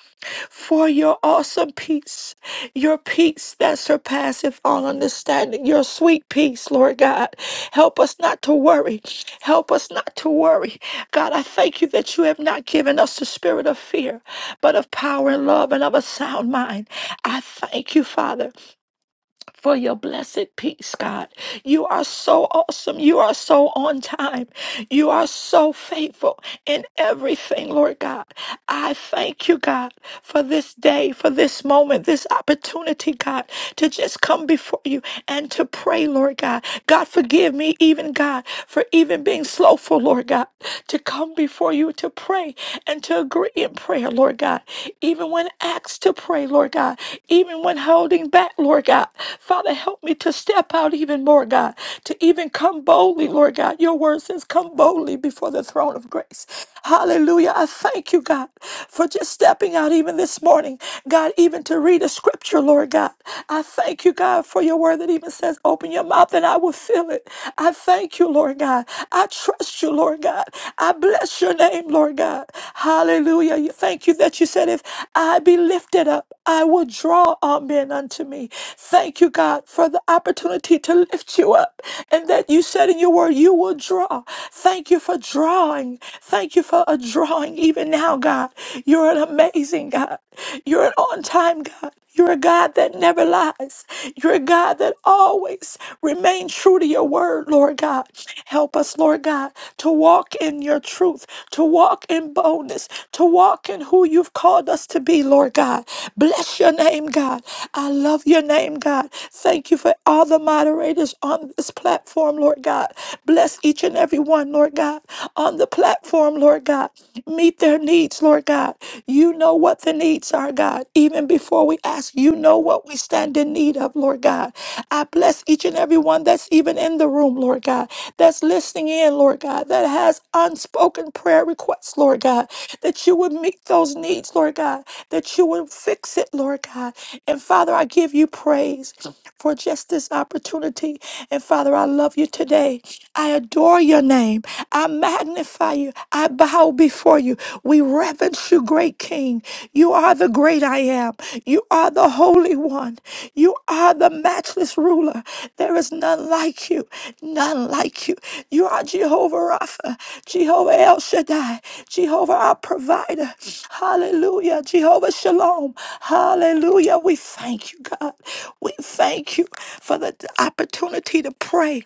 E: for your awesome peace, your peace that surpasseth all understanding, your sweet peace, Lord God. Help us not to worry. Help us not to worry. God, I thank you that you have not given us the spirit of fear, but of power and love and of a sound mind. I thank you, Father for your blessed peace, God. You are so awesome. You are so on time. You are so faithful in everything, Lord God. I thank you, God, for this day, for this moment, this opportunity, God, to just come before you and to pray, Lord God. God, forgive me, even God, for even being slowful, Lord God, to come before you to pray and to agree in prayer, Lord God. Even when asked to pray, Lord God, even when holding back, Lord God. Father, help me to step out even more, God, to even come boldly, Lord God. Your word says, come boldly before the throne of grace. Hallelujah. I thank you, God, for just stepping out even this morning, God, even to read a scripture, Lord God. I thank you, God, for your word that even says, open your mouth and I will fill it. I thank you, Lord God. I trust you, Lord God. I bless your name, Lord God. Hallelujah. You- Thank you that you said, if I be lifted up, I will draw all men unto me. Thank you, God you, God, for the opportunity to lift you up and that you said in your word, you will draw. Thank you for drawing. Thank you for a drawing even now, God. You're an amazing God. You're an on time God. You're a God that never lies. You're a God that always remains true to your word, Lord God. Help us, Lord God, to walk in your truth, to walk in boldness, to walk in who you've called us to be, Lord God. Bless your name, God. I love your name, God. Thank you for all the moderators on this platform, Lord God. Bless each and every one, Lord God, on the platform, Lord God. Meet their needs, Lord God. You know what the needs are, God. Even before we ask, you know what we stand in need of, Lord God. I bless each and every one that's even in the room, Lord God, that's listening in, Lord God, that has unspoken prayer requests, Lord God, that you would meet those needs, Lord God, that you would fix it, Lord God. And Father, I give you praise for just this opportunity. And Father, I love you today. I adore your name. I magnify you. I bow before you. We reverence you, great King. You are the great I am. You are the Holy One. You are the matchless ruler. There is none like you, none like you. You are Jehovah Rapha, Jehovah El Shaddai. Shaddai, Jehovah our provider. Hallelujah. Jehovah Shalom. Hallelujah. We thank you, God. We thank you for the opportunity to pray.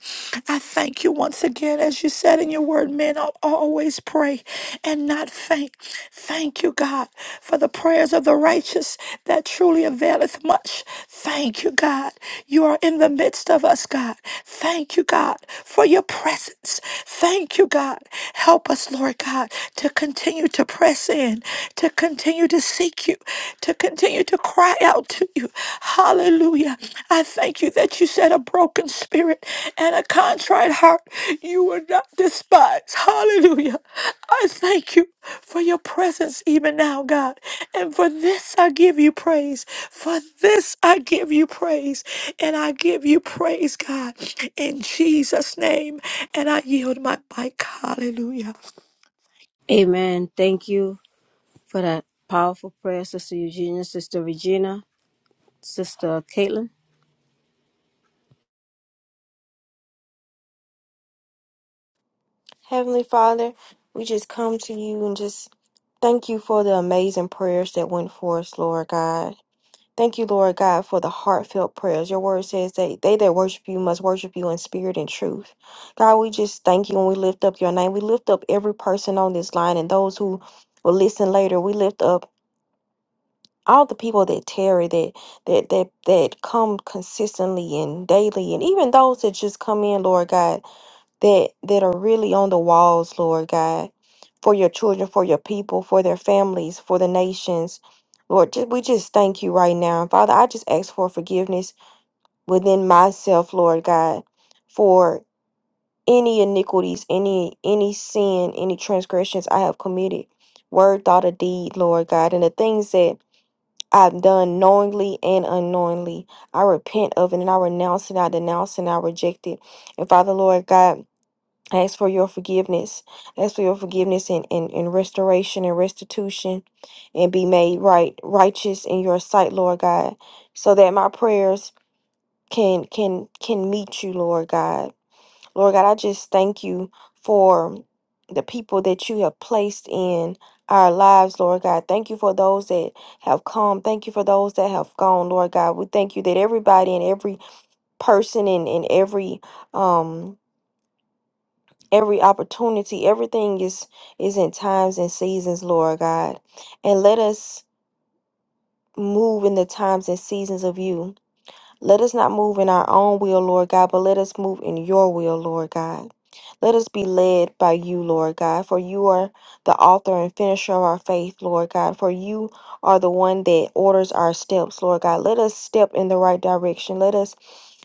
E: I thank you once again, as you said in your word, men ought always pray and not faint. Thank you, God, for the prayers of the righteous that truly availeth much. Thank you. Thank you, God. You are in the midst of us, God. Thank you, God, for your presence. Thank you, God. Help us, Lord God, to continue to press in, to continue to seek you, to continue to cry out to you. Hallelujah. I thank you that you said a broken spirit and a contrite heart you will not despise. Hallelujah. I thank you for your presence even now, God. And for this I give you praise. For this I give you praise. And I give you praise, God, in Jesus' name. And I yield my mic. Hallelujah.
A: Amen. Thank you for that powerful prayer, Sister Eugenia, Sister Regina, Sister Caitlin.
C: Heavenly Father, we just come to you and just thank you for the amazing prayers that went forth, Lord God. Thank you, Lord God, for the heartfelt prayers. Your word says that they that worship you must worship you in spirit and truth. God, we just thank you and we lift up your name. We lift up every person on this line and those who will listen later. We lift up all the people that tarry, that that that that come consistently and daily, and even those that just come in, Lord God that that are really on the walls, Lord God, for your children, for your people, for their families, for the nations. Lord, just, we just thank you right now. And Father, I just ask for forgiveness within myself, Lord God, for any iniquities, any any sin, any transgressions I have committed, word, thought, or deed, Lord God, and the things that I've done knowingly and unknowingly. I repent of it and I renounce it, I denounce it, and I reject it. And Father, Lord God, I ask for your forgiveness. I ask for your forgiveness and, and, and restoration and restitution and be made right righteous in your sight, Lord God, so that my prayers can can can meet you, Lord God. Lord God, I just thank you for the people that you have placed in our lives, Lord God. Thank you for those that have come. Thank you for those that have gone, Lord God. We thank you that everybody and every person and, and every um every opportunity everything is is in times and seasons lord god and let us move in the times and seasons of you let us not move in our own will, Lord God, but let us move in your will, Lord God. Let us be led by you, Lord God, for you are the author and finisher of our faith, Lord God, for you are the one that orders our steps, Lord God. Let us step in the right direction. Let us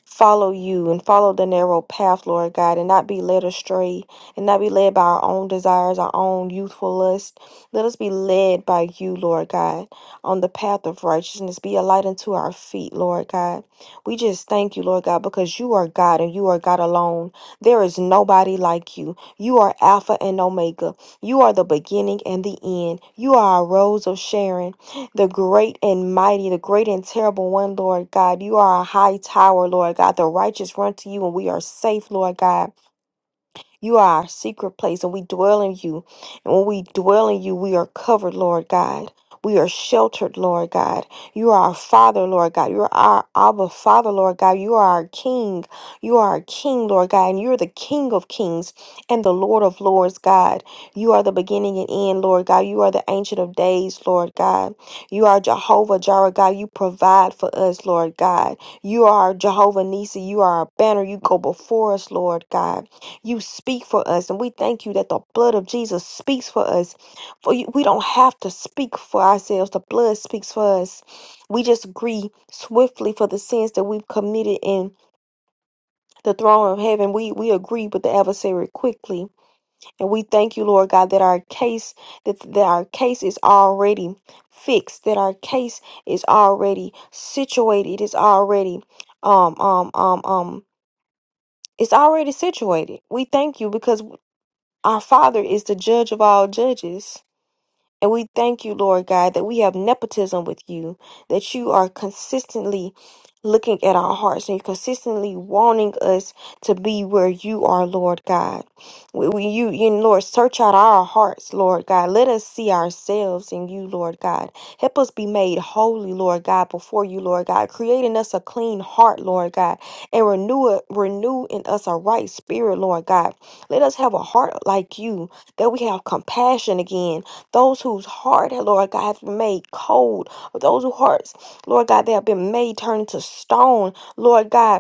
C: follow you and follow the narrow path, Lord God, and not be led astray and not be led by our own desires, our own youthful lust. Let us be led by you, Lord God, on the path of righteousness. Be a light unto our feet, Lord God. We just thank you, Lord God, because you are God and you are God alone. There is nobody like you. You are Alpha and Omega. You are the beginning and the end. You are our rose of Sharon, the great and mighty, the great and terrible one, Lord God. You are a high tower, Lord God. The righteous run to you and we are safe, Lord God. You are our secret place, and we dwell in you. And when we dwell in you, we are covered, Lord God. We are sheltered, Lord God. You are our Father, Lord God. You are our Abba Father, Lord God. You are our King. You are our King, Lord God. And you're the King of Kings and the Lord of Lords, God. You are the beginning and end, Lord God. You are the Ancient of Days, Lord God. You are Jehovah Jireh, God. You provide for us, Lord God. You are Jehovah Nisi. You are our banner. You go before us, Lord God you speak for us and we thank you that the blood of jesus speaks for us for you, we don't have to speak for ourselves the blood speaks for us we just agree swiftly for the sins that we've committed in the throne of heaven we we agree with the adversary quickly and we thank you lord god that our case that, that our case is already fixed that our case is already situated it is already um um um um it's already situated. We thank you because Our Father is the judge of all judges. And we thank you, Lord God, that we have nepotism with you, that you are consistently looking at our hearts and you're consistently wanting us to be where you are, Lord God. We, we- you, you, Lord, search out our hearts, Lord God. Let us see ourselves in you, Lord God. Help us be made holy, Lord God, before you, Lord God, creating us a clean heart, Lord God, and renew it, renew in us a right spirit, Lord God. Let us have a heart like you, that we have compassion again those whose heart, Lord God, has been made cold. Those whose hearts, Lord God, they have been made turned to stone. Lord God,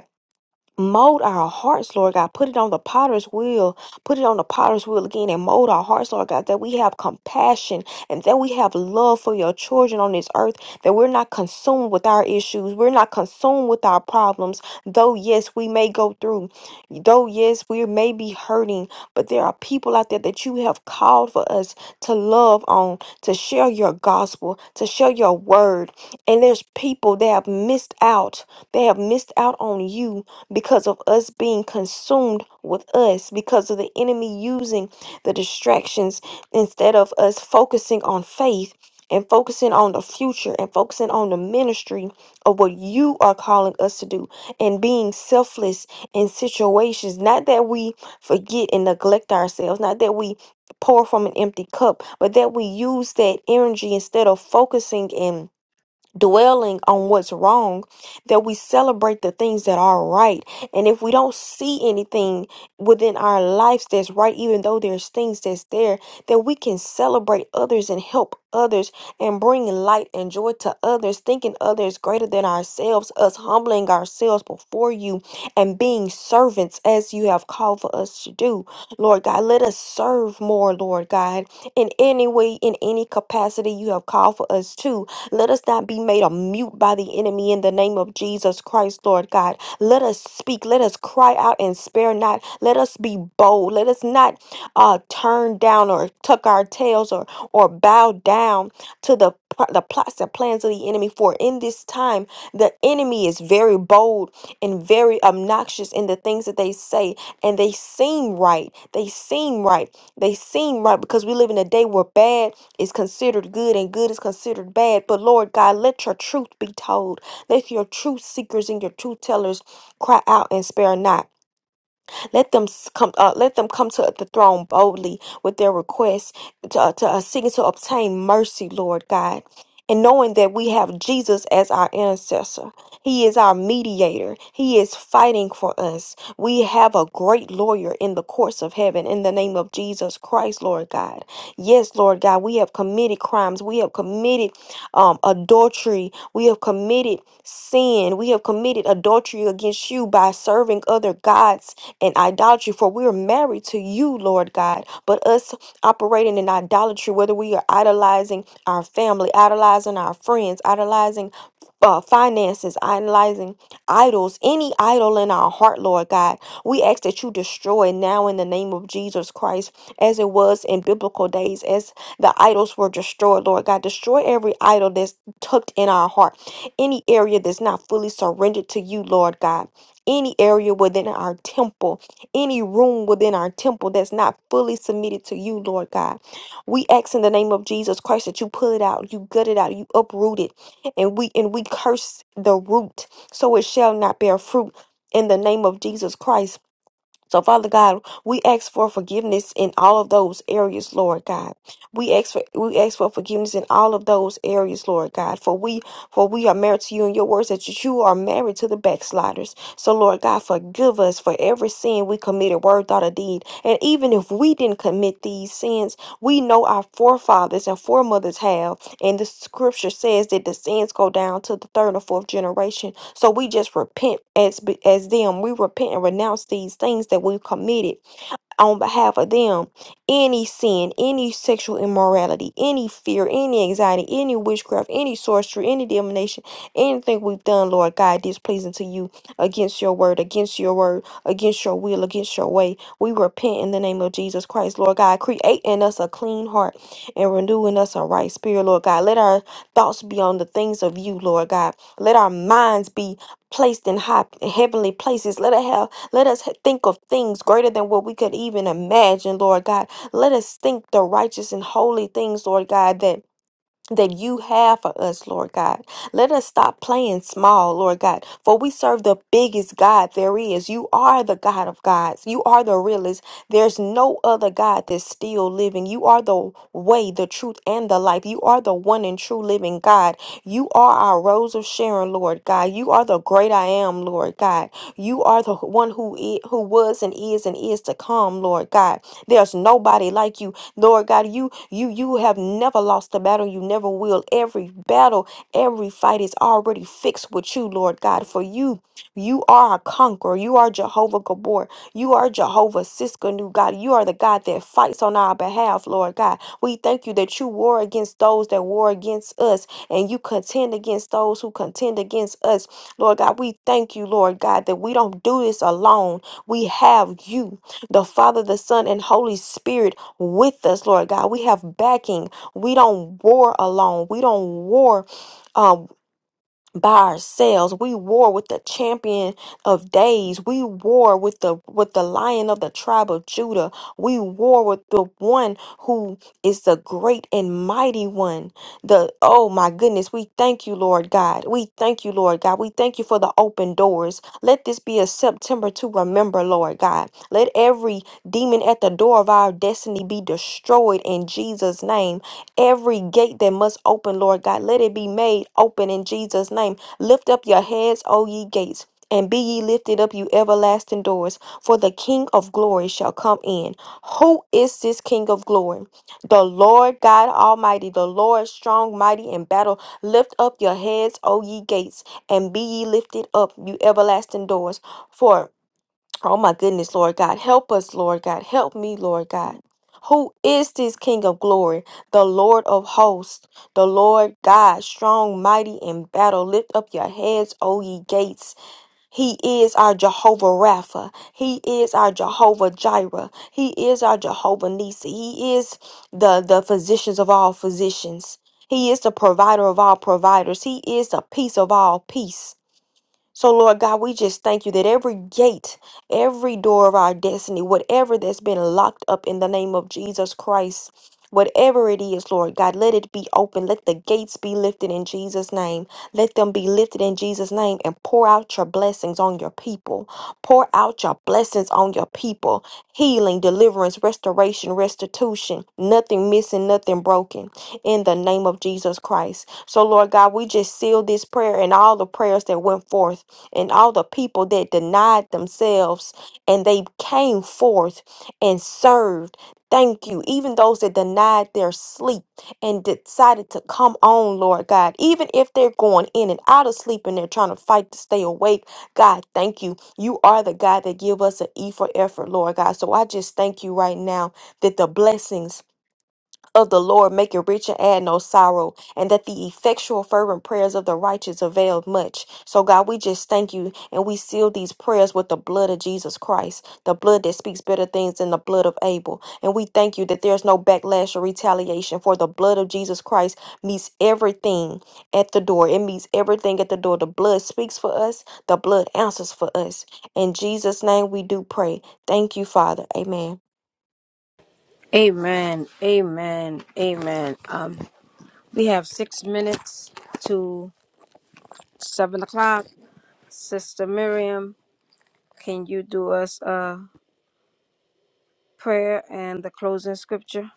C: Mold our hearts, Lord God. Put it on the potter's wheel. Put it on the potter's wheel again and mold our hearts, Lord God, that we have compassion and that we have love for your children on this earth, that we're not consumed with our issues. We're not consumed with our problems. Though, yes, we may go through, though, yes, we may be hurting, but there are people out there that you have called for us to love on, to share your gospel, to share your word. And there's people that have missed out. They have missed out on you because of us being consumed with us, because of the enemy using the distractions instead of us focusing on faith and focusing on the future and focusing on the ministry of what you are calling us to do and being selfless in situations. Not that we forget and neglect ourselves, not that we pour from an empty cup, but that we use that energy instead of focusing in dwelling on what's wrong, that we celebrate the things that are right. And if we don't see anything within our lives that's right, even though there's things that's there, that we can celebrate others and help others and bring light and joy to others, thinking others greater than ourselves, us humbling ourselves before you and being servants as you have called for us to do. Lord God, let us serve more, Lord God, in any way, in any capacity you have called for us to let us not be made a mute by the enemy in the name of Jesus Christ, Lord God. Let us speak. Let us cry out and spare not. Let us be bold. Let us not uh, turn down or tuck our tails or or bow down to the pl- the plots and plans of the enemy. For in this time, the enemy is very bold and very obnoxious in the things that they say, and they seem right. They seem right. They seem right because we live in a day where bad is considered good and good is considered bad. But Lord God, let your truth be told. Let your truth seekers and your truth tellers cry out and spare not. Let them s- come. Uh, let them come to the throne boldly with their requests to, uh, to uh, seeking to obtain mercy, Lord God. And knowing that we have Jesus as our intercessor, He is our mediator, He is fighting for us. We have a great lawyer in the courts of heaven in the name of Jesus Christ, Lord God. Yes, Lord God, we have committed crimes, we have committed um, adultery, we have committed sin, we have committed adultery against you by serving other gods and idolatry, for we are married to you, Lord God. But us operating in idolatry, whether we are idolizing our family, idolizing our friends, idolizing uh, finances, idolizing idols, any idol in our heart, Lord God, we ask that you destroy now in the name of Jesus Christ, as it was in biblical days, as the idols were destroyed, Lord God. Destroy every idol that's tucked in our heart, any area that's not fully surrendered to you, Lord God, any area within our temple any room within our temple that's not fully submitted to you, Lord God. We ask in the name of Jesus Christ that you pull it out, you gut it out, you uproot it, and we and we curse the root so it shall not bear fruit in the name of Jesus Christ. So, Father God, we ask for forgiveness in all of those areas, Lord God. We ask for we ask for forgiveness in all of those areas, Lord God. For we for we are married to you, and your words that you are married to the backsliders. So, Lord God, forgive us for every sin we committed, word, thought, or deed. And even if we didn't commit these sins, we know our forefathers and foremothers have. And the Scripture says that the sins go down to the third or fourth generation. So we just repent as as them. We repent and renounce these things that we've committed on behalf of them any sin, any sexual immorality, any fear, any anxiety, any witchcraft, any sorcery, any divination, anything we've done, Lord God, displeasing to you against your word, against your word, against your will, against your way. We repent in the name of Jesus Christ, Lord God. Create in us a clean heart and renewing us a right spirit, Lord God. Let our thoughts be on the things of you, Lord God. Let our minds be placed in high heavenly places. Let it have let us think of things greater than what we could even imagine, Lord God. Let us think the righteous and holy things, Lord God, that that you have for us, Lord God. Let us stop playing small, Lord God, for we serve the biggest God there is. You are the God of gods. You are the realest. There's no other God that's still living. You are the way, the truth, and the life. You are the one and true living God. You are our rose of Sharon, Lord God. You are the great I am, Lord God. You are the one who is, who was and is and is to come, Lord God. There's nobody like you. Lord God, you you you have never lost a battle. You never will. Every battle, every fight is already fixed with you, Lord God. For you, you are a conqueror. You are Jehovah Gabor. You are Jehovah Siskanu, God. You are the God that fights on our behalf, Lord God. We thank you that you war against those that war against us, and you contend against those who contend against us. Lord God, we thank you, Lord God, that we don't do this alone. We have you, the Father, the Son, and Holy Spirit with us, Lord God. We have backing. We don't war alone. We don't war um, by ourselves. We war with the champion of days. We war with the with the lion of the tribe of Judah. We war with the one who is the great and mighty one. The oh my goodness, we thank you, Lord God. We thank you, Lord God. We thank you for the open doors. Let this be a September to remember, Lord God. Let every demon at the door of our destiny be destroyed in Jesus' name. Every gate that must open, Lord God, let it be made open in Jesus' name. Lift up your heads, O ye gates. And be ye lifted up, you everlasting doors, for the King of glory shall come in. Who is this King of glory? The Lord God Almighty, the Lord strong, mighty in battle. Lift up your heads, O ye gates, and be ye lifted up, you everlasting doors. For, oh my goodness, Lord God, help us, Lord God. Help me, Lord God. Who is this King of glory? The Lord of hosts, the Lord God, strong, mighty in battle. Lift up your heads, O ye gates he is our Jehovah Rapha. He is our Jehovah Jireh. He is our Jehovah Nisi. He is the, the physicians of all physicians. He is the provider of all providers. He is the peace of all peace. So, Lord God, we just thank you that every gate, every door of our destiny, whatever that's been locked up in the name of Jesus Christ, whatever it is, Lord God, let it be open. Let the gates be lifted in Jesus' name. Let them be lifted in Jesus' name and pour out your blessings on your people. Pour out your blessings on your people. Healing, deliverance, restoration, restitution. Nothing missing, nothing broken. In the name of Jesus Christ. So, Lord God, we just seal this prayer and all the prayers that went forth and all the people that denied themselves and they came forth and served. Thank you. Even those that denied their sleep and decided to come on, Lord God, even if they're going in and out of sleep and they're trying to fight to stay awake, God, thank you. You are the God that give us an E for effort, Lord God. So I just thank you right now that the blessings of the Lord make it rich and add no sorrow, and that the effectual, fervent prayers of the righteous avail much. So, God, we just thank you and we seal these prayers with the blood of Jesus Christ, the blood that speaks better things than the blood of Abel. And we thank you that there's no backlash or retaliation, for the blood of Jesus Christ meets everything at the door. It meets everything at the door. The blood speaks for us, the blood answers for us. In Jesus' name, we do pray. Thank you, Father. Amen.
A: Amen. Amen. Amen. Um, we have six minutes to seven o'clock. Sister Miriam, can you do us a prayer and the closing scripture?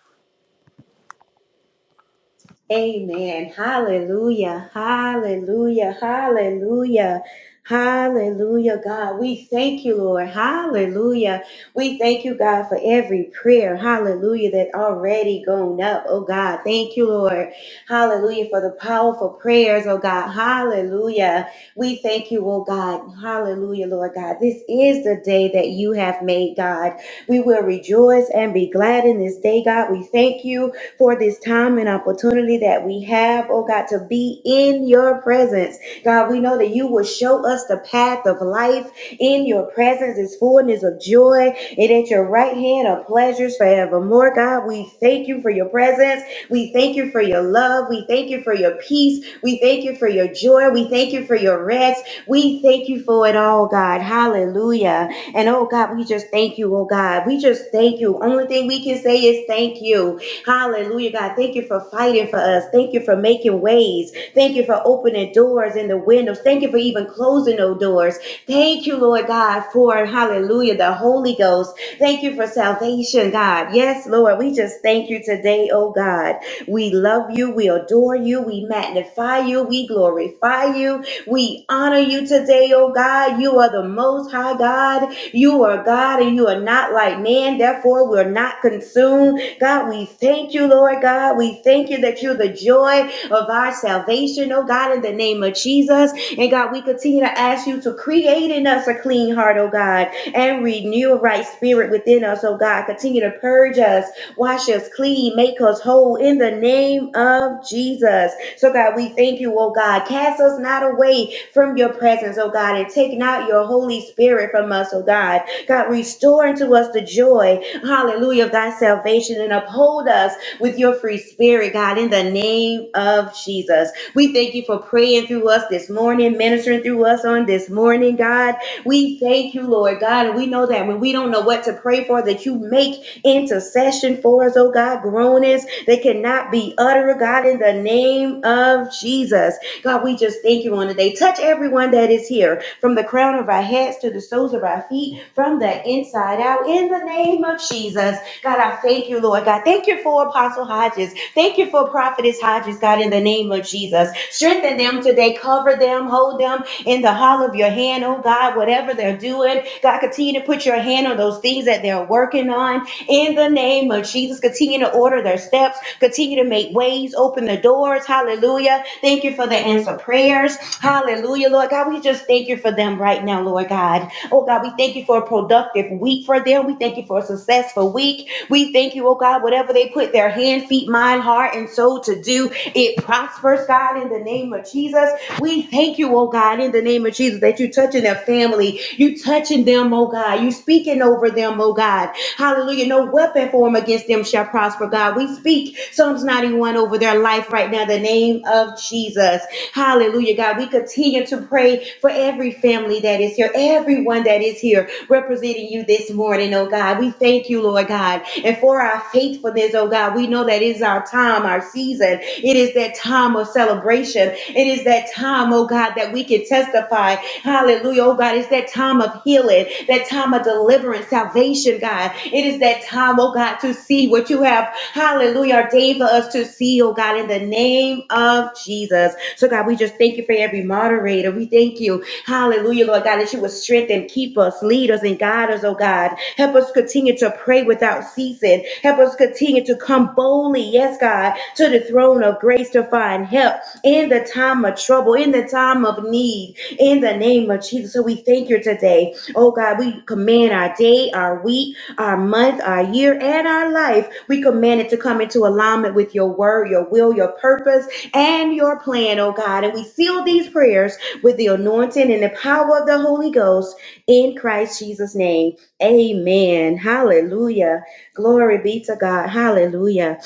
D: Amen. Hallelujah. Hallelujah. Hallelujah. Hallelujah, God. We thank you, Lord. Hallelujah. We thank you, God, for every prayer. Hallelujah. That already gone up. Oh, God. Thank you, Lord. Hallelujah for the powerful prayers. Oh, God. Hallelujah. We thank you, oh, God. Hallelujah, Lord God. This is the day that you have made, God. We will rejoice and be glad in this day, God. We thank you for this time and opportunity that we have, oh God, to be in your presence. God, we know that you will show us the path of life. In your presence is fullness of joy, and at your right hand are pleasures forevermore. God, we thank you for your presence. We thank you for your love. We thank you for your peace. We thank you for your joy. We thank you for your rest. We thank you for it all, God. Hallelujah. And oh God, we just thank you, oh God. We just thank you. Only thing we can say is thank you. Hallelujah, God. Thank you for fighting for us. Thank you for making ways. Thank you for opening doors and the windows. Thank you for even closing those doors. Thank you, Lord God, for hallelujah, the Holy Ghost. Thank you for salvation, God. Yes, Lord, we just thank you today, oh God. We love you. We adore you. We magnify you. We glorify you. We honor you today, oh God. You are the most high God. You are God and you are not like man. Therefore, we're not consumed. God, we thank you, Lord God. We thank you that you're the joy of our salvation, oh God, in the name of Jesus. And God, we continue to ask you to create in us a clean heart, oh God, and renew a right spirit within us, oh God. Continue to purge us, wash us clean, make us whole in the name of Jesus. So, God, we thank you, oh God. Cast us not away from your presence, oh God, and take not your Holy Spirit from us, oh God. God, restore unto us the joy hallelujah, of thy salvation and uphold us with your free spirit, God, in the name of Jesus. We thank you for praying through us this morning, ministering through us on this morning, God. We thank you, Lord God, and we know that when we don't know what to pray for, that you make intercession for us, oh God, groanings that cannot be uttered, oh God, in the name of Jesus. God, we just thank you on today. Touch everyone that is here from the crown of our heads to the soles of our feet, from the inside out, in the name of Jesus. God, I thank you, Lord. God, thank you for Apostle Hodges. Thank you for Prophetess Hodges, God, in the name of Jesus. Strengthen them today. Cover them. Hold them in the hall of your hand, oh God, whatever they're doing. God, continue to put your hand on those things that they're working on in the name of Jesus. Continue to order their steps, continue to make ways, open the doors. Hallelujah. Thank you for the answer prayers. Hallelujah, Lord God. We just thank you for them right now, Lord God. Oh God, we thank you for a productive week for them. We thank you for a successful week. We thank you, oh God, whatever they put their hand, feet, mind, heart, and soul to do, it prospers, God, in the name of Jesus. We thank you, oh God, in the name of Jesus, that you touching their family. You touching them, oh God. You speaking over them, oh God. Hallelujah. No weapon formed against them shall prosper, God. We speak Psalms 91 over their life right now, in the name of Jesus. Hallelujah, God. We continue to pray for every family that is here, everyone that is here representing you this morning, oh God. We thank you, Lord God. And for our faithfulness, oh God, we know that it is our time, our season. It is that time of celebration. It is that time, oh God, that we can testify Hallelujah. Oh God, it's that time of healing, that time of deliverance, salvation, God. It is that time, oh God, to see what you have, hallelujah, ordained for us to see, oh God, in the name of Jesus. So God, we just thank you for every moderator. We thank you, hallelujah, Lord God, that you would strengthen, keep us, lead us, and guide us, oh God. Help us continue to pray without ceasing. Help us continue to come boldly, yes, God, to the throne of grace to find help in the time of trouble, in the time of need in the name of Jesus. So we thank you today. Oh God, we command our day, our week, our month, our year, and our life. We command it to come into alignment with your word, your will, your purpose, and your plan, oh God. And we seal these prayers with the anointing and the power of the Holy Ghost in Christ Jesus' name. Amen. Hallelujah. Glory be to God. Hallelujah.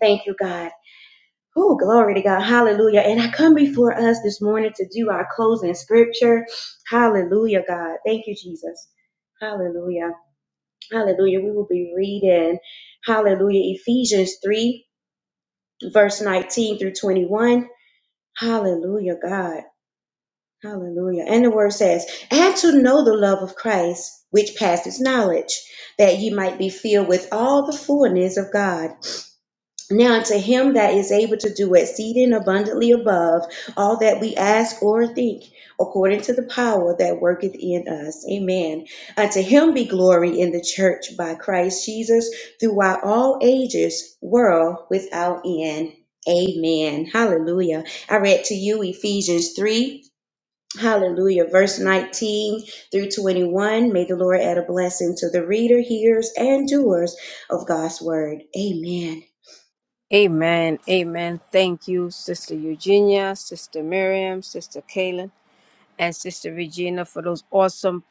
D: Thank you, God. Oh, glory to God. Hallelujah. And I come before us this morning to do our closing scripture. Hallelujah, God. Thank you, Jesus. Hallelujah. Hallelujah. We will be reading, hallelujah, Ephesians 3, verse 19 through 21. Hallelujah, God. Hallelujah. And the word says, And to know the love of Christ, which passes knowledge, that ye might be filled with all the fullness of God. Now unto him that is able to do exceeding abundantly above all that we ask or think, according to the power that worketh in us. Amen. Unto him be glory in the church by Christ Jesus throughout all ages, world without end. Amen. Hallelujah. I read to you Ephesians 3. Hallelujah. Verse 19 through 21. May the Lord add a blessing to the reader, hearers, and doers of God's word. Amen.
A: Amen. Amen. Thank you, Sister Eugenia, Sister Miriam, Sister Kaylin, and Sister Regina for those awesome,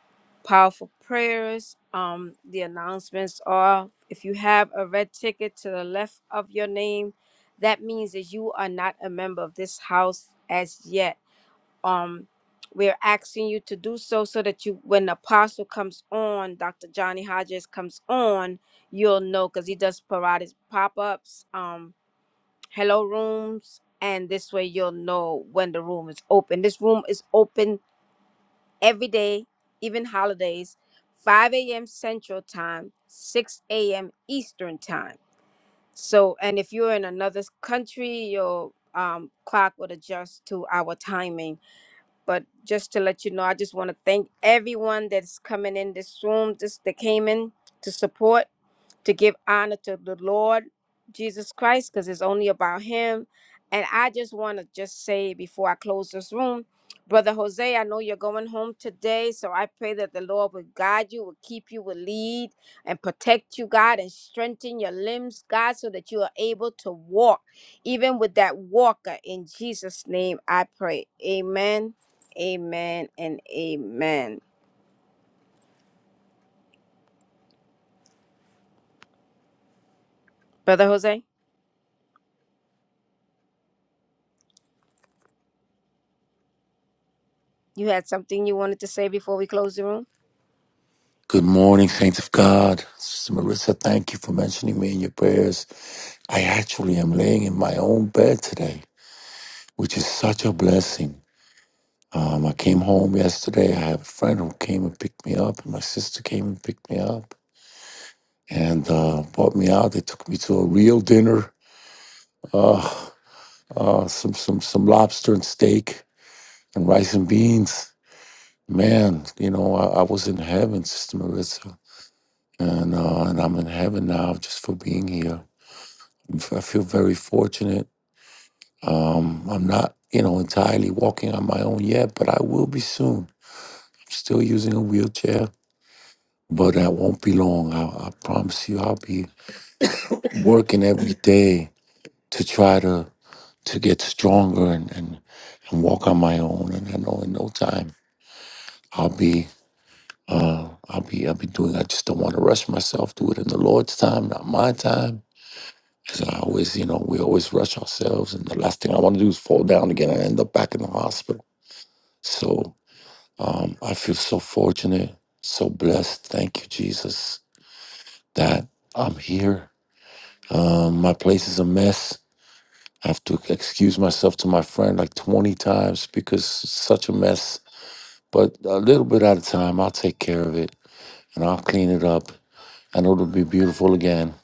A: powerful prayers. Um, the announcements are if you have a red ticket to the left of your name, that means that you are not a member of this house as yet. Um, we're asking you to do so so that you when the apostle comes on, Dr. Johnny Hodges comes on, you'll know because he does sporadic pop-ups. Um hello rooms and this way you'll know when the room is open this room is open every day even holidays 5 a.m central time 6 a.m eastern time so and if you're in another s- country your um, clock would adjust to our timing but just to let you know i just want to thank everyone that's coming in this room just that came in to support to give honor to the Lord Jesus Christ because it's only about Him. And I just want to just say before I close this room, Brother Jose, I know you're going home today, so I pray that the Lord will guide you, will keep you, will lead and protect you, God, and strengthen your limbs, God, so that you are able to walk, even with that walker. In Jesus' name, I pray. Amen, amen, and amen. Brother Jose, you had something you wanted to say before we close the room?
F: Good morning, saints of God. Sister Marissa, thank you for mentioning me in your prayers. I actually am laying in my own bed today, which is such a blessing. Um, I came home yesterday. I have a friend who came and picked me up, and my sister came and picked me up and uh, brought me out. They took me to a real dinner, uh, uh, some some some lobster and steak and rice and beans. Man, you know, I, I was in heaven, Sister Marissa, and uh, and I'm in heaven now just for being here. I feel very fortunate. Um, I'm not, you know, entirely walking on my own yet, but I will be soon. I'm still using a wheelchair, but that won't be long. I, I promise you, I'll be working every day to try to to get stronger and and, and walk on my own. And I know in no time I'll be. Uh, I'll be I'll be doing. I just don't want to rush myself. Do it in the Lord's time, not my time. Because I always, you know, we always rush ourselves, and the last thing I want to do is fall down again and end up back in the hospital. So um, I feel so fortunate, so blessed. Thank you, Jesus, that I'm here. Um, my place is a mess. I have to excuse myself to my friend like 20 times because it's such a mess. But a little bit at a time, I'll take care of it and I'll clean it up. I know it'll be beautiful again.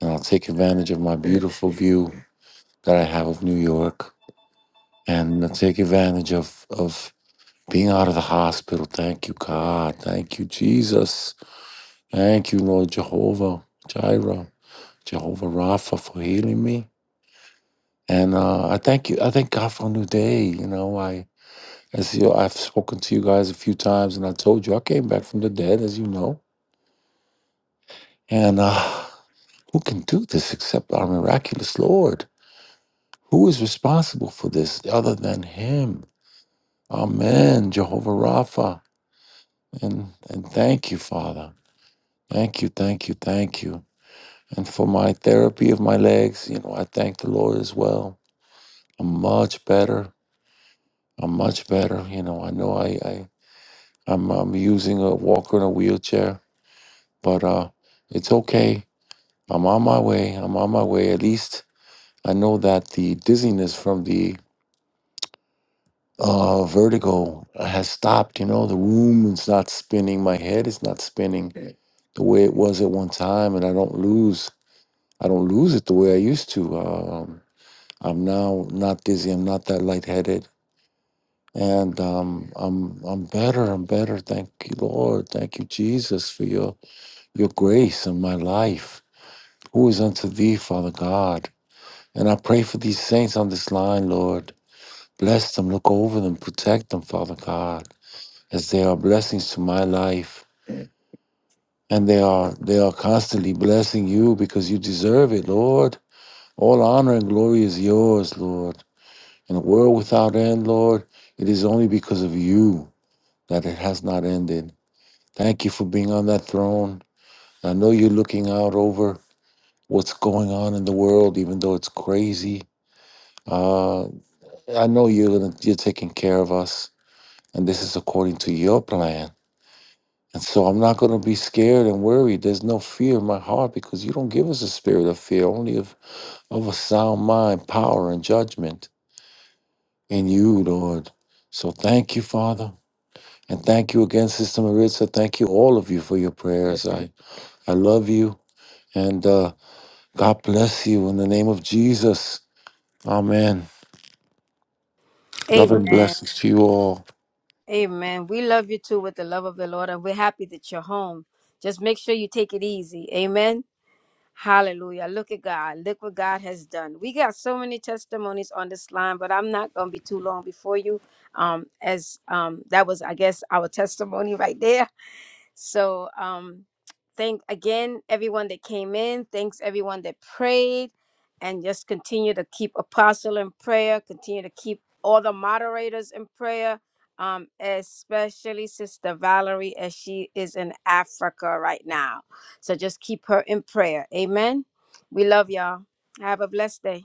F: And I'll take advantage of my beautiful view that I have of New York and I'll take advantage of, of being out of the hospital. Thank you, God. Thank you, Jesus Thank you, Lord Jehovah, Jireh, Jehovah Rapha, for healing me. And uh, I thank you. I thank God for a new day. You know, I as you, I've spoken to you guys a few times, and I told you I came back from the dead, as you know. And uh, who can do this except our miraculous Lord? Who is responsible for this other than Him? Amen, Jehovah Rapha. And and thank you, Father. Thank you, thank you, thank you. And for my therapy of my legs, you know, I thank the Lord as well. I'm much better. I'm much better. You know, I know I, I I'm I'm using a walker and a wheelchair, but uh it's okay. I'm on my way. I'm on my way. At least I know that the dizziness from the uh vertigo has stopped, you know, the room is not spinning, my head is not spinning the way it was at one time and I don't lose I don't lose it the way I used to. Um I'm now not dizzy, I'm not that lightheaded. And um, I'm I'm better. I'm better. Thank you, Lord. Thank you, Jesus, for your your grace in my life. Who is unto thee, Father God? And I pray for these saints on this line, Lord. Bless them. Look over them. Protect them, Father God, as they are blessings to my life. And they are they are constantly blessing you because you deserve it, Lord. All honor and glory is yours, Lord. In a world without end, Lord, it is only because of you that it has not ended. Thank you for being on that throne. I know you're looking out over what's going on in the world, even though it's crazy. Uh, I know you're gonna, you're taking care of us, and this is according to your plan. And so I'm not gonna be scared and worried. There's no fear in my heart because you don't give us a spirit of fear, only of of a sound mind, power, and judgment in you, Lord. So thank you, Father, and thank you again, Sister Maritza. Thank you, all of you, for your prayers. I I love you, and. uh God bless you in the name of Jesus. Amen. Love and
A: Amen.
F: blessings to you all.
A: Amen. We love you too with the love of the Lord, and we're happy that you're home. Just make sure you take it easy. Amen. Hallelujah. Look at God. Look what God has done. We got so many testimonies on this line, but I'm not going to be too long before you. Um, as um, that was, I guess, our testimony right there. So um thank again everyone that came in. Thanks everyone that prayed and just continue to keep apostle in prayer, continue to keep all the moderators in prayer. Um, especially Sister Valerie as she is in Africa right now. So just keep her in prayer. Amen. We love y'all. Have a blessed day.